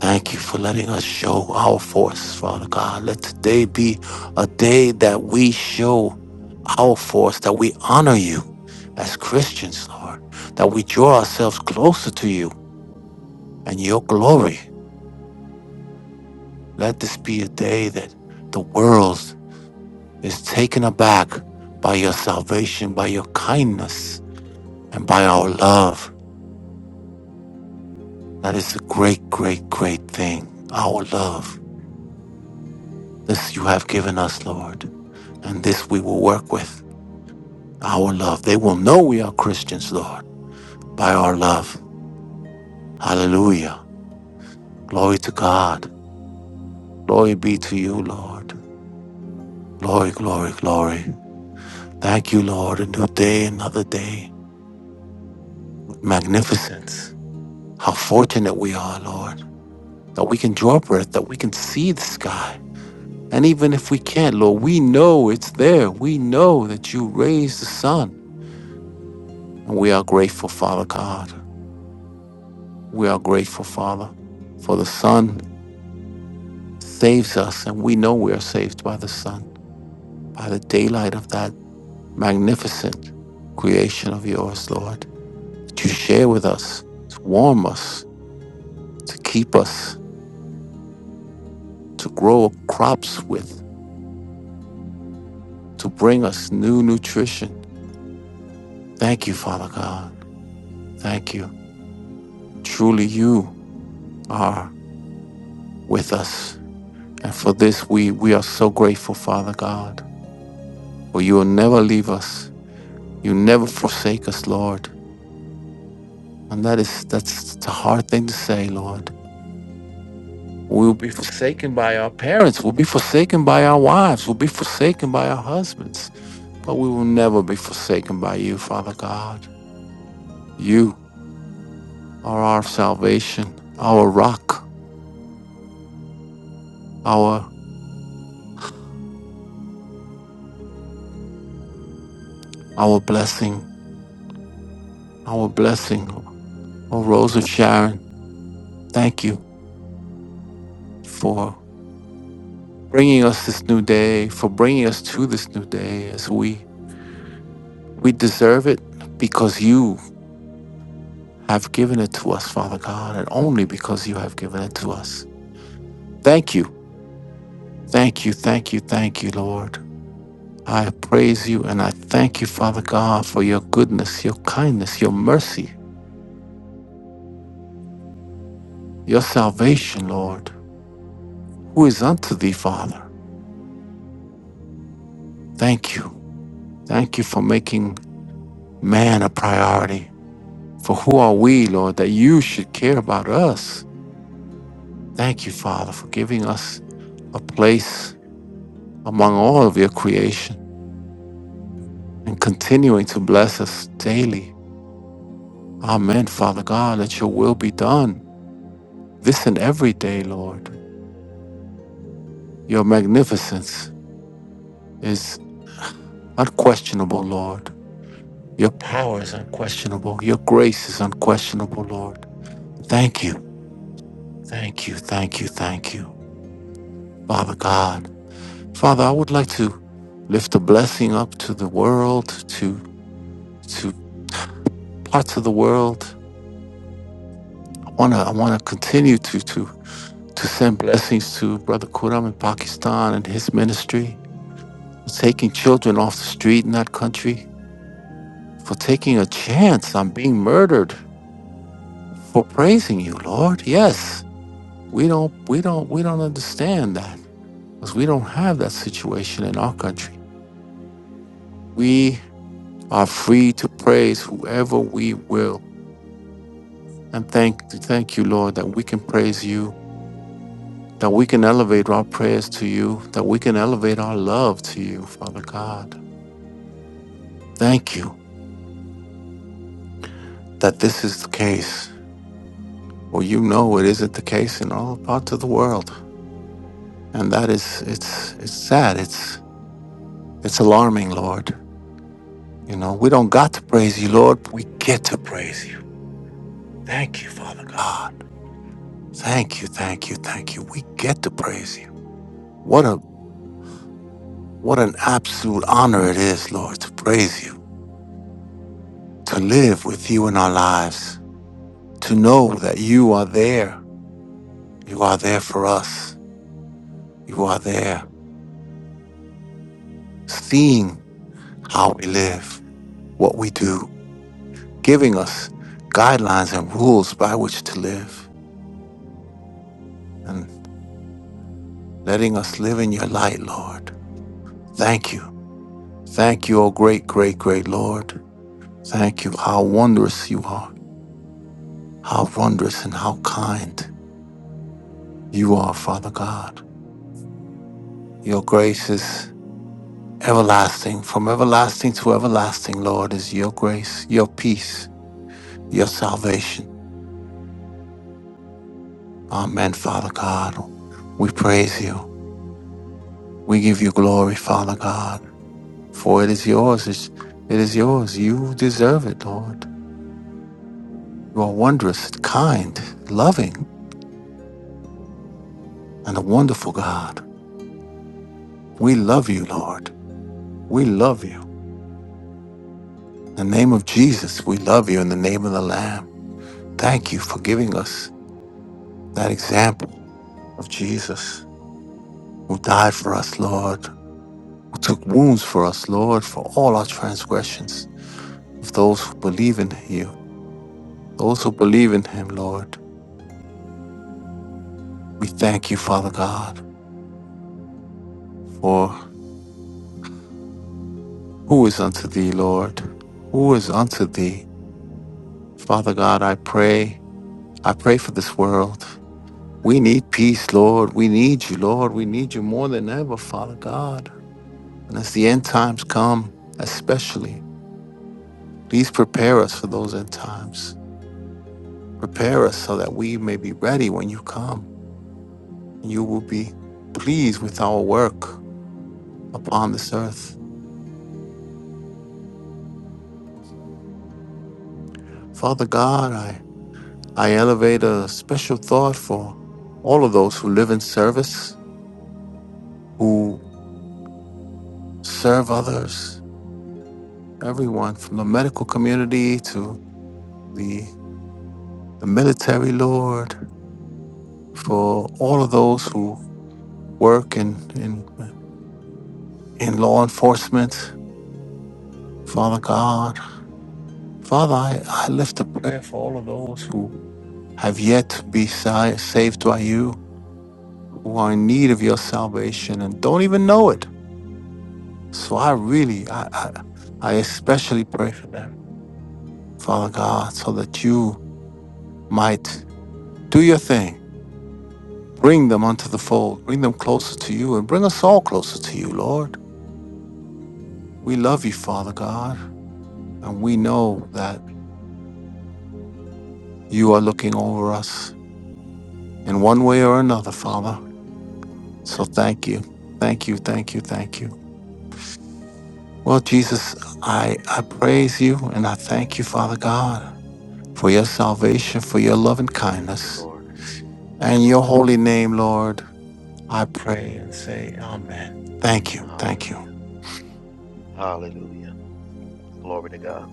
Speaker 3: Thank you for letting us show our force, Father God. Let today be a day that we show our force, that we honor you as Christians, Lord, that we draw ourselves closer to you and your glory. Let this be a day that the world is taken aback by your salvation, by your kindness, and by our love. That is a great, great, great thing, our love. This you have given us, Lord, and this we will work with. our love. They will know we are Christians, Lord, by our love. Hallelujah. Glory to God. Glory be to you, Lord. Glory, glory, glory. Thank you, Lord. A new day, another day. What magnificence. How fortunate we are, Lord, that we can draw breath, that we can see the sky. And even if we can't, Lord, we know it's there. We know that you raised the sun. And we are grateful, Father God. We are grateful, Father, for the sun saves us, and we know we are saved by the sun, by the daylight of that magnificent creation of yours, Lord, that you share with us, to warm us, to keep us, to grow crops with, to bring us new nutrition. Thank you, Father God. Thank you. Truly, you are with us. And for this, we, we are so grateful, Father God, for you will never leave us. You never forsake us, Lord. And that is that's the hard thing to say, Lord. We'll be forsaken by our parents. We'll be forsaken by our wives. We'll be forsaken by our husbands. But we will never be forsaken by you, Father God. You are our salvation, our rock, our our blessing, our blessing. Oh, Rose of Sharon, thank you for bringing us this new day, for bringing us to this new day as we we deserve it because you have given it to us, Father God, and only because you have given it to us. Thank you. Thank you. Thank you. Thank you, Lord. I praise you and I thank you, Father God, for your goodness, your kindness, your mercy, your salvation, Lord, who is unto thee, Father. Thank you. Thank you for making man a priority. For who are we, Lord, that you should care about us? Thank you, Father, for giving us a place among all of your creation. and continuing to bless us daily. Amen, Father God, let your will be done this and every day, Lord. Your magnificence is unquestionable, Lord. Your power is unquestionable. Your grace is unquestionable, Lord. Thank you, thank you, thank you, thank you, Father God. Father, I would like to lift a blessing up to the world, to to parts of the world. I wanna I wanna continue to to to send blessings to Brother Kuram in Pakistan and his ministry, for taking children off the street in that country, for taking a chance on being murdered, for praising you, Lord. Yes, we don't, we don't, we don't understand that because we don't have that situation in our country. We are free to praise whoever we will, and thank, thank you, Lord, that we can praise you. That we can elevate our prayers to you, that we can elevate our love to you, Father God. Thank you that this is the case. Well, you know it isn't the case in all parts of the world, and that is it's it's sad. It's it's alarming, Lord. You know we don't got to praise you, Lord. but We get to praise you. Thank you, Father God. Thank you, thank you, thank you. We get to praise you. What a what an absolute honor it is, Lord, to praise you, to live with you in our lives, to know that you are there. You are there for us. You are there, seeing how we live what we do, giving us guidelines and rules by which to live, and letting us live in your light, Lord. Thank you. Thank you, O great, great, great Lord. Thank you. How wondrous you are. How wondrous and how kind you are, Father God. Your grace is everlasting. From everlasting to everlasting, Lord, is your grace, your peace, your salvation. Amen, Father God. We praise you. We give you glory, Father God. For it is yours, it's- it is yours. You deserve it, Lord. You are wondrous, kind, loving, and a wonderful God. We love you, Lord. We love you. In the name of Jesus, we love you in the name of the Lamb. Thank you for giving us that example of Jesus who died for us, Lord, who took wounds for us, Lord, for all our transgressions of those who believe in you, those who believe in him, Lord. We thank you, Father God, for Who is unto thee, Lord? Who is unto thee? Father God, I pray. I pray for this world. We need peace, Lord. We need you, Lord. We need you more than ever, Father God. And as the end times come, especially, please prepare us for those end times. Prepare us so that we may be ready when you come. And you will be pleased with our work upon this earth. Father God, I, I elevate a special thought for all of those who live in service who serve others, everyone from the medical community to the, the military, Lord, for all of those who work in, in, in law enforcement, Father God. Father, I, I lift a prayer for all of those who have yet to be si- saved by you, who are in need of your salvation and don't even know it. So I really, I, I, I especially pray for them, Father God, so that you might Do your thing. Bring them unto the fold. Bring them closer to you and bring us all closer to you, Lord. We love you, Father God, and we know that you are looking over us in one way or another,
Speaker 5: Yes,
Speaker 3: Father.
Speaker 5: Lord.
Speaker 3: So thank you. Thank you. Thank you. Thank you. Well, Jesus, I, I praise you and I thank you, Father God, for your salvation, for your love and
Speaker 5: Thank you,
Speaker 3: kindness.
Speaker 5: Lord.
Speaker 3: And your holy name, Lord,
Speaker 5: Mm,
Speaker 3: I pray and say, Amen. Thank you. Thank you.
Speaker 5: Hallelujah. Hallelujah. Glory to God.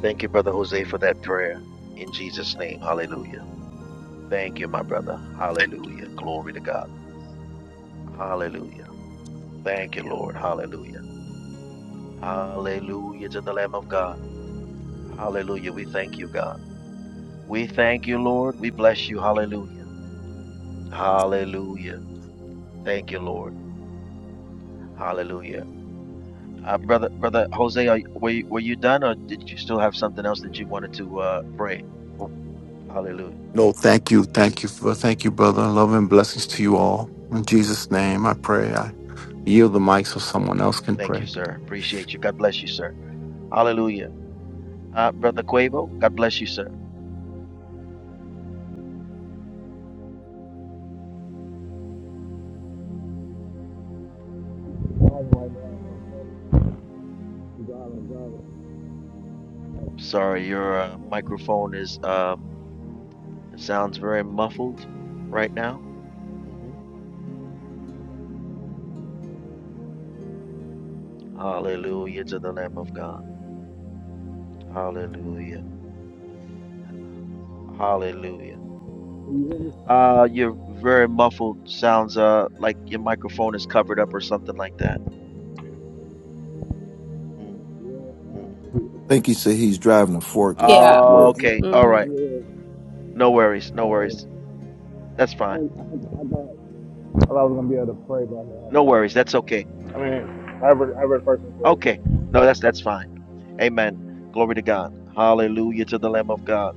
Speaker 5: Thank you, Brother Jose, for that prayer in Jesus' name. Hallelujah. Thank you, my brother. Hallelujah. Glory to God. Hallelujah. Thank you, Lord. Hallelujah. Hallelujah to the Lamb of God. Hallelujah. We thank you, God. We thank you, Lord. We bless you. Hallelujah. Hallelujah. Thank you, Lord. Hallelujah. Uh, brother, brother Jose, are, were you, were you done, or did you still have something else that you wanted to uh, pray? Hallelujah.
Speaker 3: No, thank you, thank you, for, thank you, brother. Love and blessings to you
Speaker 5: Mhm.
Speaker 3: all. In Jesus' name, I pray. I yield the mic so someone else can
Speaker 5: Thank you,
Speaker 3: pray.
Speaker 5: sir. Appreciate you. God bless you, sir. Hallelujah. Uh, brother Quavo, God bless you, sir. Sorry, your uh, microphone is um, sounds very muffled right now. hmm Hallelujah to the Lamb of God. Hallelujah. Hallelujah.
Speaker 6: Can
Speaker 5: Uh, you're very muffled. Sounds uh like your microphone is covered up or something like that. Mm,
Speaker 6: Yeah, yeah.
Speaker 5: mm.
Speaker 6: Shoot, Okay.
Speaker 4: think he
Speaker 6: um,
Speaker 4: said he's driving a forklift
Speaker 1: Yeah.
Speaker 4: at
Speaker 5: Oh,
Speaker 4: work.
Speaker 6: Yeah, I mean,
Speaker 5: okay. All
Speaker 6: I, I,
Speaker 5: right.
Speaker 6: yeah, yeah,
Speaker 5: No worries.
Speaker 6: I'm
Speaker 5: No
Speaker 6: sorry.
Speaker 5: worries. That's
Speaker 6: I,
Speaker 5: fine.
Speaker 6: didn't- I, I, thought, I thought I was going to be able to pray by now,
Speaker 5: No
Speaker 6: but
Speaker 5: worries. That's okay.
Speaker 6: I mean, I read, I read first and
Speaker 5: Okay. No, that's that's fine. Amen. Glory to God. Hallelujah to the Lamb of God.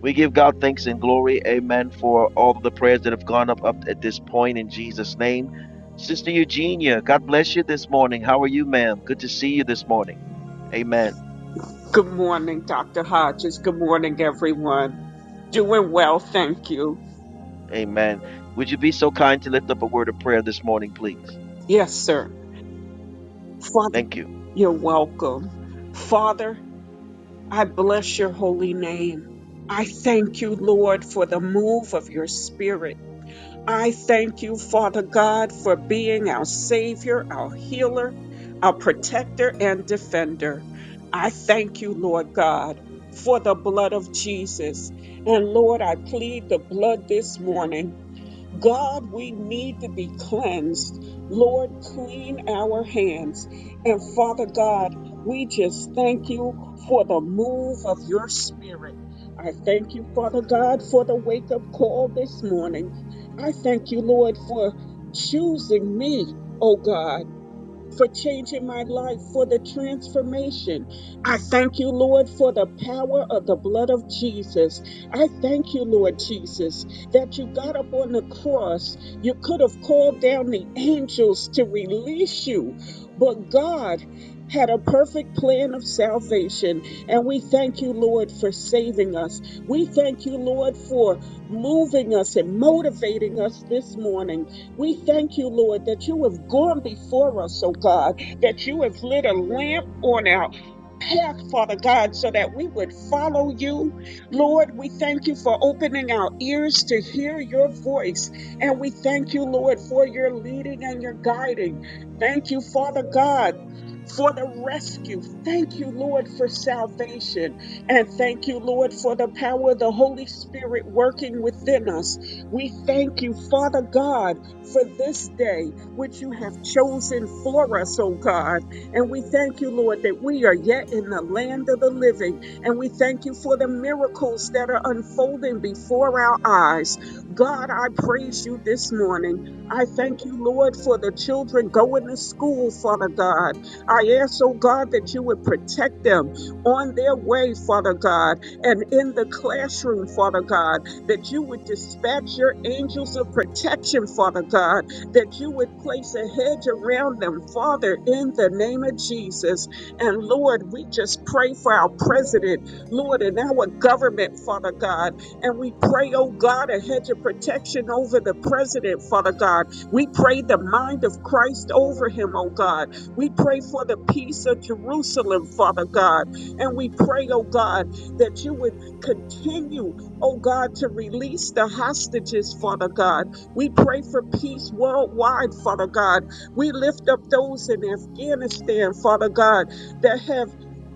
Speaker 5: We give God thanks and glory, amen, for all of the prayers that have gone up, up at this point in Jesus' name. Sister Eugenia, God bless you this morning. How are you, ma'am? Good to see you this morning. Amen.
Speaker 7: Good morning, Dr. Hodges. Good morning, everyone. Doing well, thank you.
Speaker 5: Amen. Would you be so kind to lift up a word of prayer this morning, please?
Speaker 7: Yes, sir. Father,
Speaker 5: Thank you.
Speaker 7: you're welcome. Father, I bless your holy name. I thank you, Lord, for the move of your spirit. I thank you, Father God, for being our Savior, our healer, our protector, and defender. I thank you, Lord God, for the blood of Jesus. And Lord, I plead the blood this morning God, we need to be cleansed. Lord, clean our hands. And Father God, we just thank you for the move of your spirit. I thank you, Father God, for the wake up call this morning. I thank you, Lord, for choosing me, oh God for changing my life, for the transformation. I thank you, Lord, for the power of the blood of Jesus. I thank you, Lord Jesus, that you got up on the cross. You could have called down the angels to release you, but God had a perfect plan of salvation. And we thank you, Lord, for saving us. We thank you, Lord, for moving us and motivating us this morning. We thank you, Lord, that you have gone before us, oh God, that you have lit a lamp on our path, Father God, so that we would follow you. Lord, we thank you for opening our ears to hear your voice. And we thank you, Lord, for your leading and your guiding. Thank you, Father God. For the rescue. Thank you, Lord, for salvation. And thank you, Lord, for the power of the Holy Spirit working within us. We thank you, Father God for this day which you have chosen for us, oh God. And we thank you, Lord, that we are yet in the land of the living. And we thank you for the miracles that are unfolding before our eyes. God, I praise you this morning. I thank you, Lord, for the children going to school, Father God. I ask, oh God, that you would protect them on their way, Father God, and in the classroom, Father God that you would dispatch your angels of protection, Father God, that you would place a hedge around them, Father, in the name of Jesus. And Lord, we just pray for our president, Lord, and our government, Father God. And we pray, oh God, a hedge of protection over the president, Father God. We pray the mind of Christ over him, oh God. We pray for the peace of Jerusalem, Father God. And we pray, oh God, that you would continue oh God, to release the hostages, Father God. We pray for peace worldwide, Father God. We lift up those in Afghanistan, Father God, that have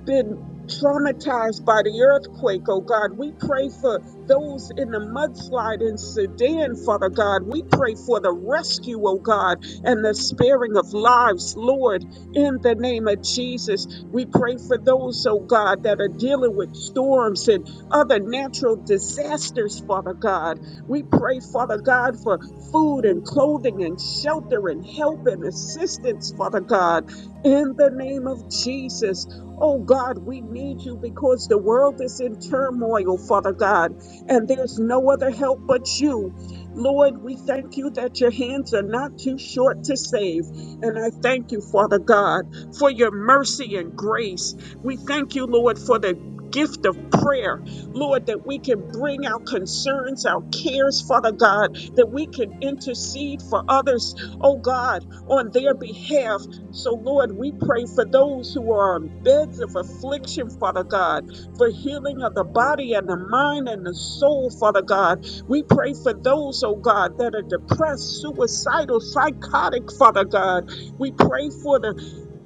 Speaker 7: been traumatized by the earthquake, oh God. We pray for those in the mudslide in Sudan, Father God. We pray for the rescue, oh God, and the sparing of lives, Lord, in the name of Jesus. We pray for those, oh God, that are dealing with storms and other natural disasters, Father God. We pray, Father God, for food and clothing and shelter and help and assistance, Father God, in the name of Jesus. Oh God, we need you because the world is in turmoil, Father God, and there's no other help but you. Lord, we thank you that your hands are not too short to save. And I thank you, Father God, for your mercy and grace. We thank you, Lord, for the gift of prayer. Lord, that we can bring our concerns, our cares, Father God, that we can intercede for others, oh God, on their behalf. So, Lord, we pray for those who are on beds of affliction, Father God, for healing of the body and the mind and the soul, Father God. We pray for those, oh God, that are depressed, suicidal, psychotic, Father God. We pray for the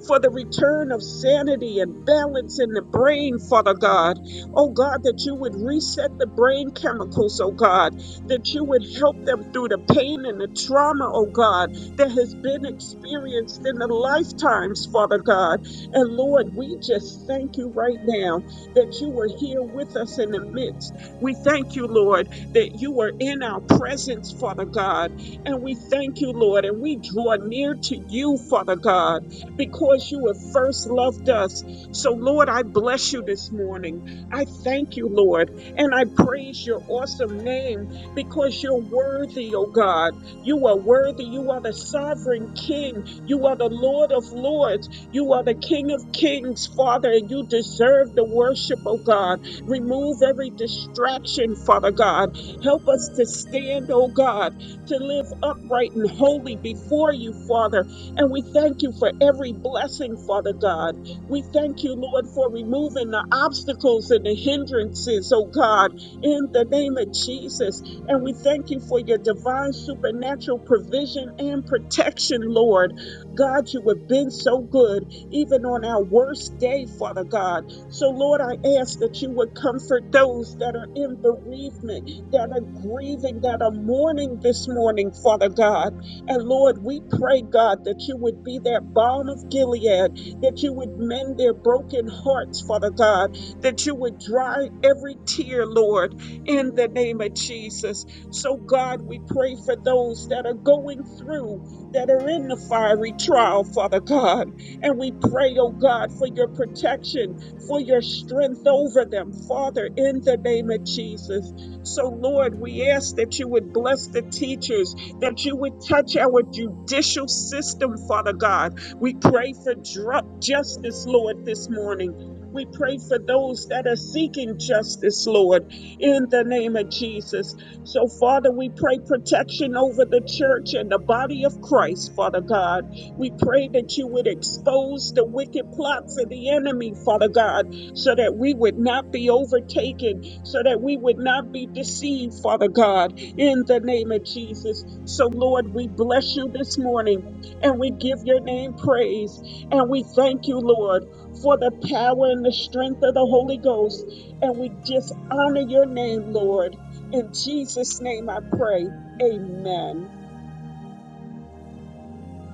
Speaker 7: for the return of sanity and balance in the brain, Father God. Oh God, that you would reset the brain chemicals, oh God, that you would help them through the pain and the trauma, oh God, that has been experienced in the lifetimes, Father God. And Lord, we just thank you right now that you were here with us in the midst. We thank you, Lord, that you were in our presence, Father God. And we thank you, Lord, and we draw near to you, Father God, because you have first loved us. So, Lord, I bless you this morning. I thank you, Lord, and I praise your awesome name because you're worthy, oh God. You are worthy. You are the sovereign King. You are the Lord of Lords. You are the King of Kings, Father, and you deserve the worship, oh God. Remove every distraction, Father God. Help us to stand, oh God, to live upright and holy before you, Father. And we thank you for every blessing, Father God. We thank you, Lord, for removing the obstacles and the hindrances, oh God, in the name of Jesus. And we thank you for your divine supernatural provision and protection, Lord. God, you have been so good, even on our worst day, Father God. So, Lord, I ask that you would comfort those that are in bereavement, that are grieving, that are mourning this morning, Father God. And Lord, we pray, God, that you would be that balm of Gilead that you would mend their broken hearts, Father God, that you would dry every tear, Lord, in the name of Jesus. So, God, we pray for those that are going through, that are in the fiery trial, Father God. And we pray, oh God, for your protection, for your strength over them, Father, in the name of Jesus. So, Lord, we ask that you would bless the teachers, that you would touch our judicial system, Father God we pray for dru- justice, Lord, this morning. We pray for those that are seeking justice, Lord, in the name of Jesus. So, Father, we pray protection over the church and the body of Christ, Father God. We pray that you would expose the wicked plots of the enemy, Father God, so that we would not be overtaken, so that we would not be deceived, Father God, in the name of Jesus. So, Lord, we bless you this morning. And we give your name praise. And we thank you, Lord, for the power and the strength of the Holy Ghost. And we just honor your name, Lord. In Jesus' name I pray. Amen.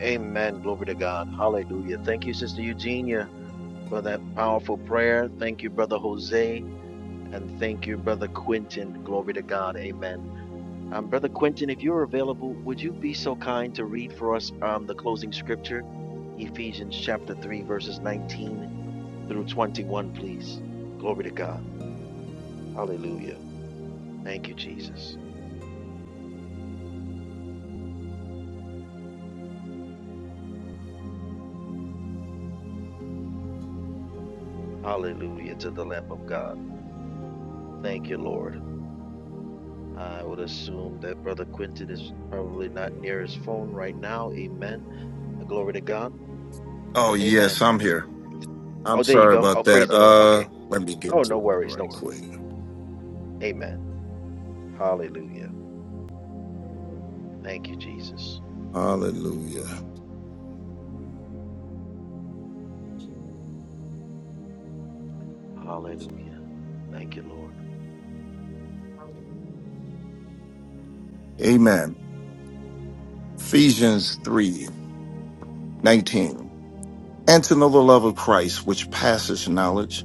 Speaker 5: Amen. Glory to God. Hallelujah. Thank you, Sister Eugenia, for that powerful prayer. Thank you, Brother Jose, and thank you, Brother Quentin. Glory to God. Amen. Um, Brother Quentin, if you're available, would you be so kind to read for us um, the closing scripture, Ephesians chapter 3, verses 19 through 21, please? Glory to God. Hallelujah. Thank you, Jesus. Hallelujah to the Lamb of God. Thank you, Lord. I would assume that Brother Quentin is probably not near his phone right now. Amen. Uh, Glory to God.
Speaker 4: Oh, yes,
Speaker 5: Amen.
Speaker 4: I'm here. I'm
Speaker 5: Oh, there you
Speaker 4: sorry
Speaker 5: go.
Speaker 4: about
Speaker 5: Oh,
Speaker 4: that.
Speaker 5: praise the Lord.
Speaker 4: Uh,
Speaker 5: Okay.
Speaker 4: let me get
Speaker 5: Oh,
Speaker 4: to
Speaker 5: no
Speaker 4: it
Speaker 5: worries. No
Speaker 4: right
Speaker 5: worries.
Speaker 4: quick.
Speaker 5: Amen. Hallelujah. Thank you, Jesus.
Speaker 4: Hallelujah.
Speaker 5: Hallelujah. Thank you, Lord.
Speaker 4: Amen. Ephesians three nineteen. 19. And to know the love of Christ, which passes knowledge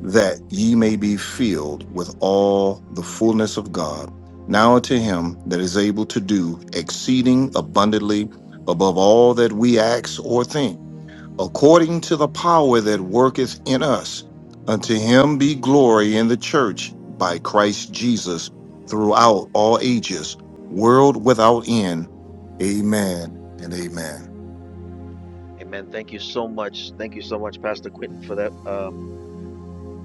Speaker 4: that ye may be filled with all the fullness of God. Now unto him that is able to do exceeding abundantly above all that we ask or think, according to the power that worketh in us, unto him be glory in the church by Christ Jesus throughout all ages, world without end. Amen and amen.
Speaker 5: Amen. Thank you so much. Thank you so much, Pastor Quinton, for that um,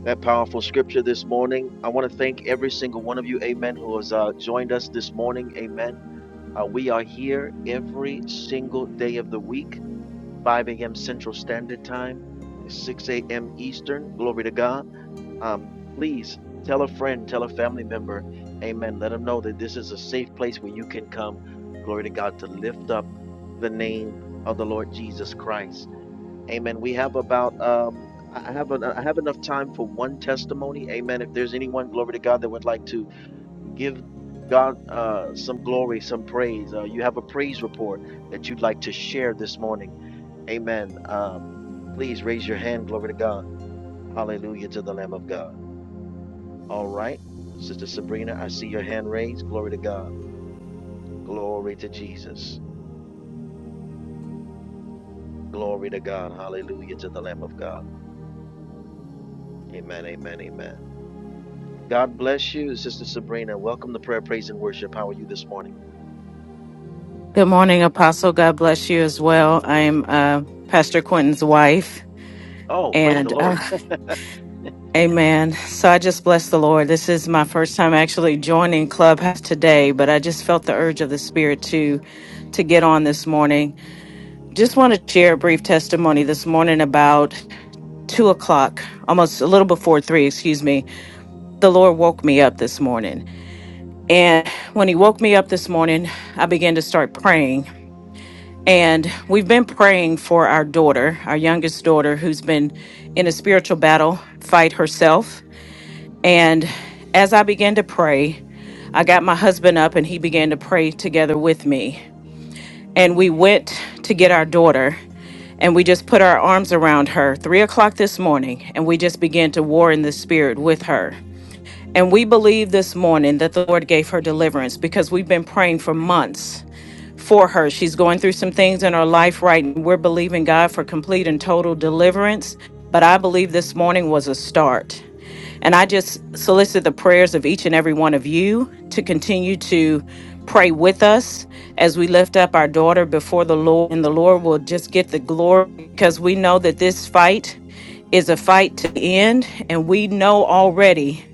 Speaker 5: that powerful scripture this morning. I want to thank every single one of you, Amen, who has uh, joined us this morning, Amen. Uh, we are here every single day of the week, 5 a.m. Central Standard Time, 6 a.m. Eastern. Glory to God. um, please tell a friend, tell a family member, amen. Let them know that this is a safe place where you can come, glory to God, to lift up the name of the Lord Jesus Christ. Amen. We have about um I have an, I have enough time for one testimony. Amen. If there's anyone, glory to God, that would like to give God uh, some glory, some praise. Uh, you have a praise report that you'd like to share this morning. Amen. Um, please raise your hand. Glory to God. Hallelujah to the Lamb of God. All right. Sister Sabrina, I see your hand raised. Glory to God. Glory to Jesus. Glory to God. Hallelujah to the Lamb of God. Amen. Amen. Amen. God bless you, Sister Sabrina. Welcome to prayer, praise, and worship. How are you this morning?
Speaker 8: Good morning, Apostle. God bless you as well. I'm uh, Pastor Quentin's wife,
Speaker 5: Oh, praise
Speaker 8: and
Speaker 5: the
Speaker 8: uh,
Speaker 5: Lord.
Speaker 8: Amen. So I just bless the Lord. This is my first time actually joining Clubhouse today, but I just felt the urge of the Spirit to to get on this morning. Just want to share a brief testimony this morning about two o'clock, almost a little before three. Excuse me. The Lord woke me up this morning, and when He woke me up this morning, I began to start praying And we've been praying for our daughter, our youngest daughter, who's been in a spiritual battle fight herself. And as I began to pray, I got my husband up and he began to pray together with me. And we went to get our daughter and we just put our arms around her three o'clock this morning and we just began to war in the spirit with her. And we believe this morning that the Lord gave her deliverance because we've been praying for months for her. She's going through some things in her life right now. We're believing God for complete and total deliverance, but I believe this morning was a start. And I just solicit the prayers of each and every one of you to continue to pray with us as we lift up our daughter before the Lord. And the Lord will just get the glory because we know that this fight is a fight to the end, and we know already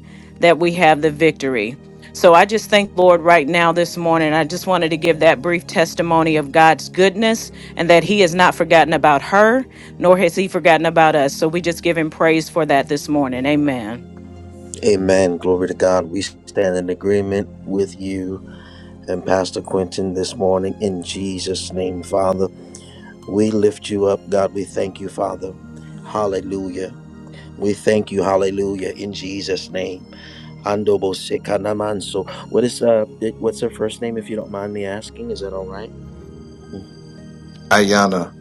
Speaker 8: that we have the victory. So I just thank the Lord right now this morning. I just wanted to give that brief testimony of God's goodness and that He has not forgotten about her, nor has He forgotten about us. So we just give Him praise for that this morning. Amen.
Speaker 5: [laughs] Amen. Glory to God. We stand in agreement with you and Pastor Quentin this morning in Jesus' name, Father. We lift you up, God. We thank you, Father. Hallelujah. We thank you, hallelujah, in Jesus' name. Andobo Sekanamanso. What is uh? it- What's her first name? If you don't mind me asking, is that all right?
Speaker 4: Ayana.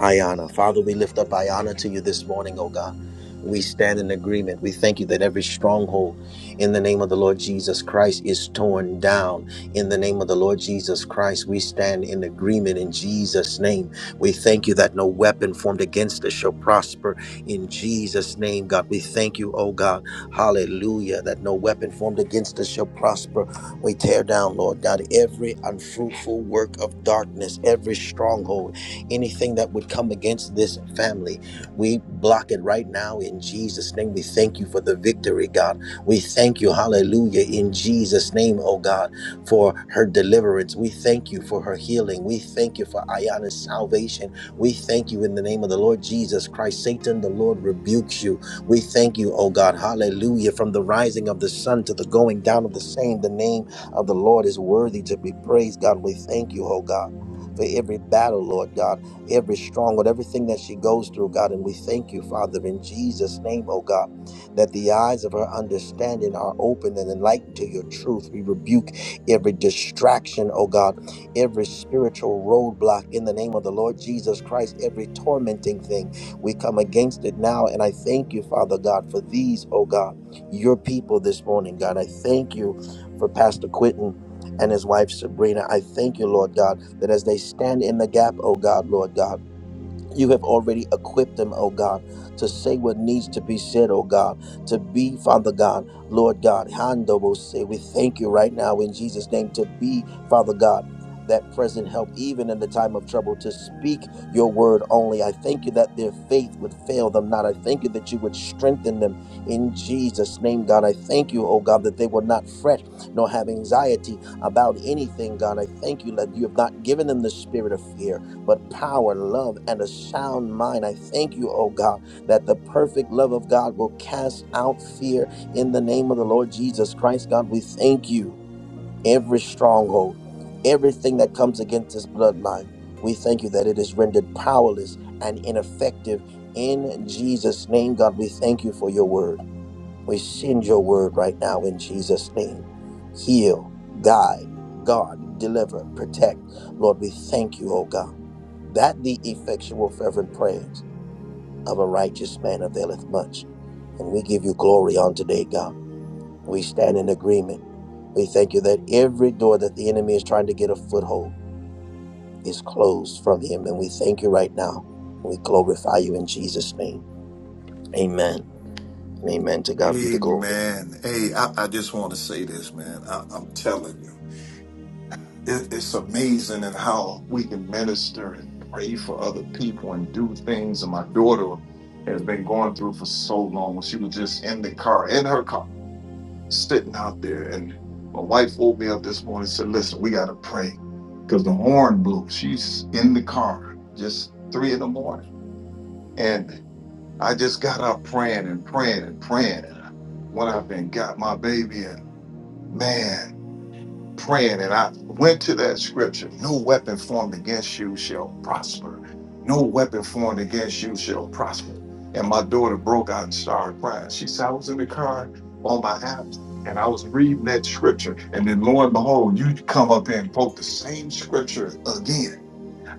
Speaker 5: Ayana. Father, we lift up Ayana to you this morning, oh God. We stand in agreement. We thank you that every stronghold in the name of the Lord Jesus Christ is torn down. In the name of the Lord Jesus Christ, we stand in agreement in Jesus' name. We thank you that no weapon formed against us shall prosper in Jesus' name, God. We thank you, oh God. Hallelujah, that no weapon formed against us shall prosper. We tear down, Lord God, every unfruitful work of darkness, every stronghold anything that would come against this family. We block it right now in Jesus' name. We thank you for the victory, God. We thank you, hallelujah, in Jesus' name, oh God, for her deliverance. We thank you for her healing. We thank you for Ayana's salvation. We thank you in the name of the Lord Jesus Christ. Satan, the Lord rebukes you. We thank you, oh God, hallelujah, from the rising of the sun to the going down of the same. The name of the Lord is worthy to be praised, God. We thank you, oh God. For every battle, Lord God every stronghold, everything that she goes through, God. And we thank you, Father, in Jesus' name, oh God, that the eyes of her understanding are open and enlightened to your truth. We rebuke every distraction, oh God, every spiritual roadblock in the name of the Lord Jesus Christ, every tormenting thing. We come against it now. And I thank you, Father God, for these, oh God, your people this morning, God. I thank you for Pastor Quinton and his wife Sabrina. I thank you, Lord God, that as they stand in the gap, oh God, Lord God you have already equipped them, oh God, to say what needs to be said, oh God, to be, Father God, Lord God, Hando will say, we thank you right now in Jesus' name to be, Father God. That present help, even in the time of trouble, to speak your word only. I thank you that their faith would fail them not. I thank you that you would strengthen them in Jesus' name, God. I thank you, oh God, that they will not fret nor have anxiety about anything, God. I thank you that you have not given them the spirit of fear, but power, love, and a sound mind. I thank you, oh God, that the perfect love of God will cast out fear in the name of the Lord Jesus Christ. God, we thank you. Every stronghold, everything that comes against this bloodline, we thank you that it is rendered powerless and ineffective in Jesus' name. God, we thank you for your word. We send your word right now in Jesus' name. Heal, guide, guard, deliver, protect. Lord, we thank you, O God, that the effectual, fervent prayers of a righteous man availeth much. And we give you glory on today, God. We stand in agreement. We thank you that every door that the enemy is trying to get a foothold is closed from him. And we thank you right now. We glorify you in Jesus' name. Amen. And amen. To God be the glory.
Speaker 4: Amen. Hey, I, I just want to say this, man. I, I'm telling you. it, it's amazing in how we can minister and pray for other people and do things. And my daughter has been going through for so long. She was just in the car, in her car, sitting out there. And my wife woke me up this morning and said, Listen, we got to pray because the horn blew. She's in the car, just three in the morning. And I just got up praying and praying and praying. And I went up and got my baby. And man, praying and I went to that scripture no weapon formed against you shall prosper. No weapon formed against you shall prosper. And my daughter broke out and started crying. She said, I was in the car on my app and I was reading that scripture. And then lo and behold, you come up here and quote the same scripture again.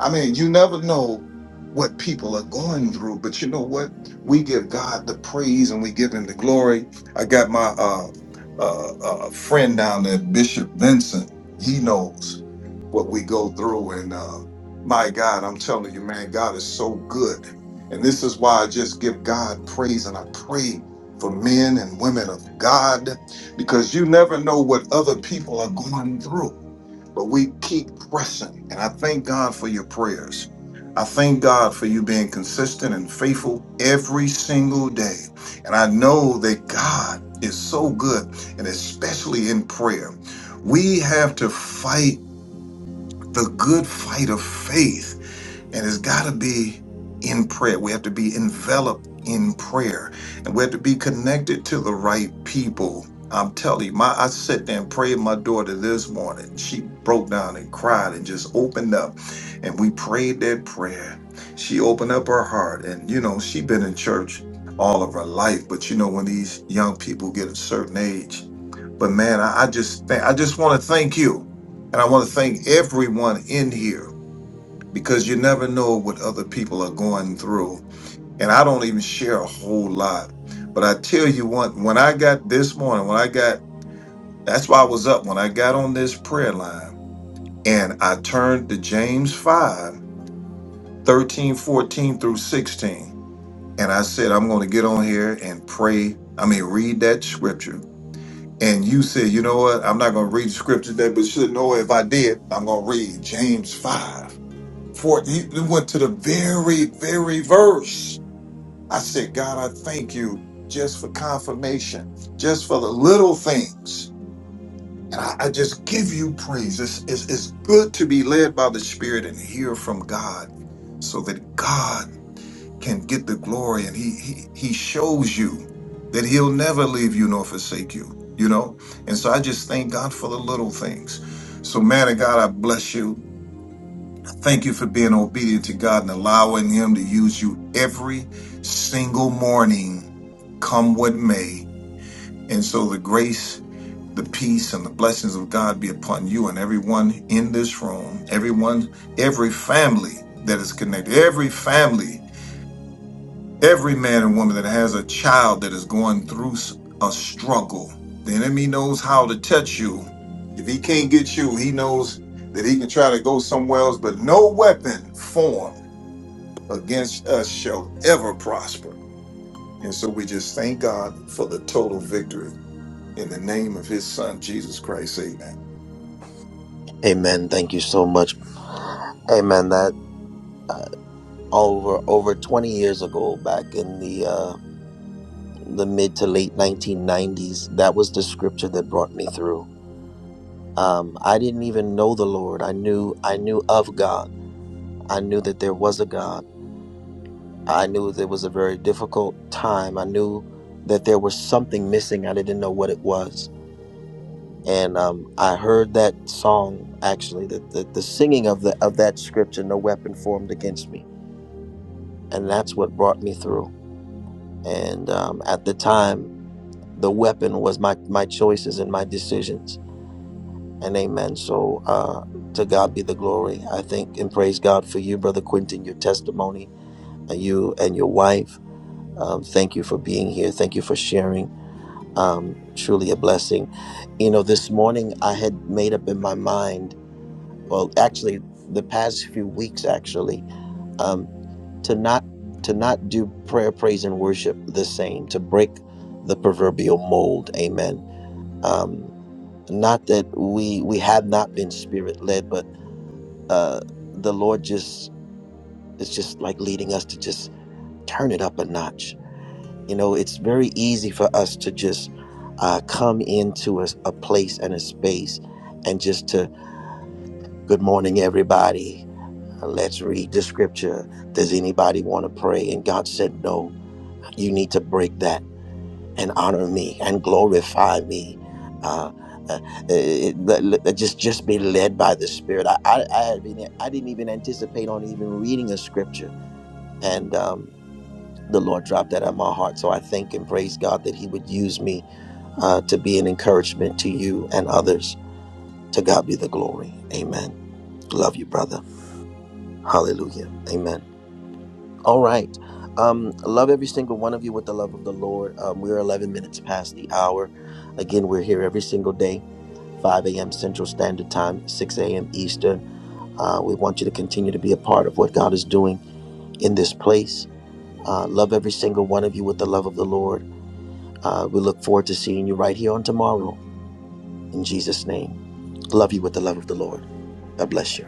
Speaker 4: I mean, you never know what people are going through, but you know what? We give God the praise and we give him the glory. I got my uh uh, uh friend down there, Bishop Vincent. He knows what we go through. And uh my God, I'm telling you, man, God is so good. And this is why I just give God praise and I pray for men and women of God because you never know what other people are going through but we keep pressing. And I thank God for your prayers. I thank God for you being consistent and faithful every single day. And I know that God is so good, and especially in prayer. We have to fight the good fight of faith and it's got to be in prayer. We have to be enveloped in prayer, and we have to be connected to the right people. I'm telling you, my I sat there and prayed my daughter this morning. She broke down and cried and just opened up, and we prayed that prayer. She opened up her heart, and you know she been in church all of her life. But you know when these young people get a certain age, but man, I, I just think I just want to thank you, and I want to thank everyone in here because you never know what other people are going through. And I don't even share a whole lot. But I tell you what, when I got this morning, when I got, that's why I was up, when I got on this prayer line and I turned to James 5, 13, 14 through 16. And I said, I'm going to get on here and pray. I mean, read that scripture. And you said, you know what? I'm not going to read the scripture today, but you should know if I did, I'm going to read James 5 For he went to the very, very verse. I said, God, I thank you just for confirmation, just for the little things. And I, I just give you praise. It's, it's, it's good to be led by the Spirit and hear from God so that God can get the glory and he, he, he shows you that he'll never leave you nor forsake you, you know? And so I just thank God for the little things. So, man of God, I bless you. Thank you for being obedient to God and allowing Him to use you every single morning, come what may. And so the grace, the peace, and the blessings of God be upon you and everyone in this room, everyone, every family that is connected, every family, every man and woman that has a child that is going through s- a struggle. The enemy knows how to touch you. If he can't get you, he knows that he can try to go somewhere else, but no weapon formed against us shall ever prosper. And so we just thank God for the total victory in the name of his son, Jesus Christ. Amen.
Speaker 5: Amen. Thank you so much. Amen. uh, over over 20 years ago back in the uh, the mid to late 1990s that was the scripture that brought me through um, i didn't even know the lord i knew i knew of god i knew that there was a god i knew there was a very difficult time i knew that there was something missing i didn't know what it was and um, i heard that song actually that the, the singing of the of that scripture no weapon formed against me and that's what brought me through and um, at the time the weapon was my my choices and my decisions and amen so uh to god be the glory i think and praise god for you brother quentin your testimony and you and your wife um, thank you for being here thank you for sharing um truly a blessing you know this morning i had made up in my mind well actually the past few weeks actually um to not to not do prayer praise and worship the same to break the proverbial mold amen Um. not that we we have not been spirit led but uh the lord just is just like leading us to just turn it up a notch you know it's very easy for us to just uh come into a, a place and a space and just to good morning everybody Uh, let's read the scripture does anybody want to pray and god said no you need to break that and honor me and glorify me uh, uh, uh, uh, let- let- just just be led by the spirit I didn't even anticipate on even reading. you. And um, the Lord dropped that on my heart. So I thank and praise God that He would use me uh, to be an encouragement to you and others. To God be the glory. Amen. Love you, brother. Hallelujah. Amen. All right. Um, love every single one of you with the love of the Lord. Um, we're 11 minutes past the hour. Again, we're here every single day, 5 a.m. Central Standard Time, 6 a.m. Eastern. Uh, we want you to continue to be a part of what God is doing in this place Uh, love every single one of you with the love of the Lord. Uh, we look forward to seeing you right here on tomorrow. In Jesus' name. Love, Lord. God bless you.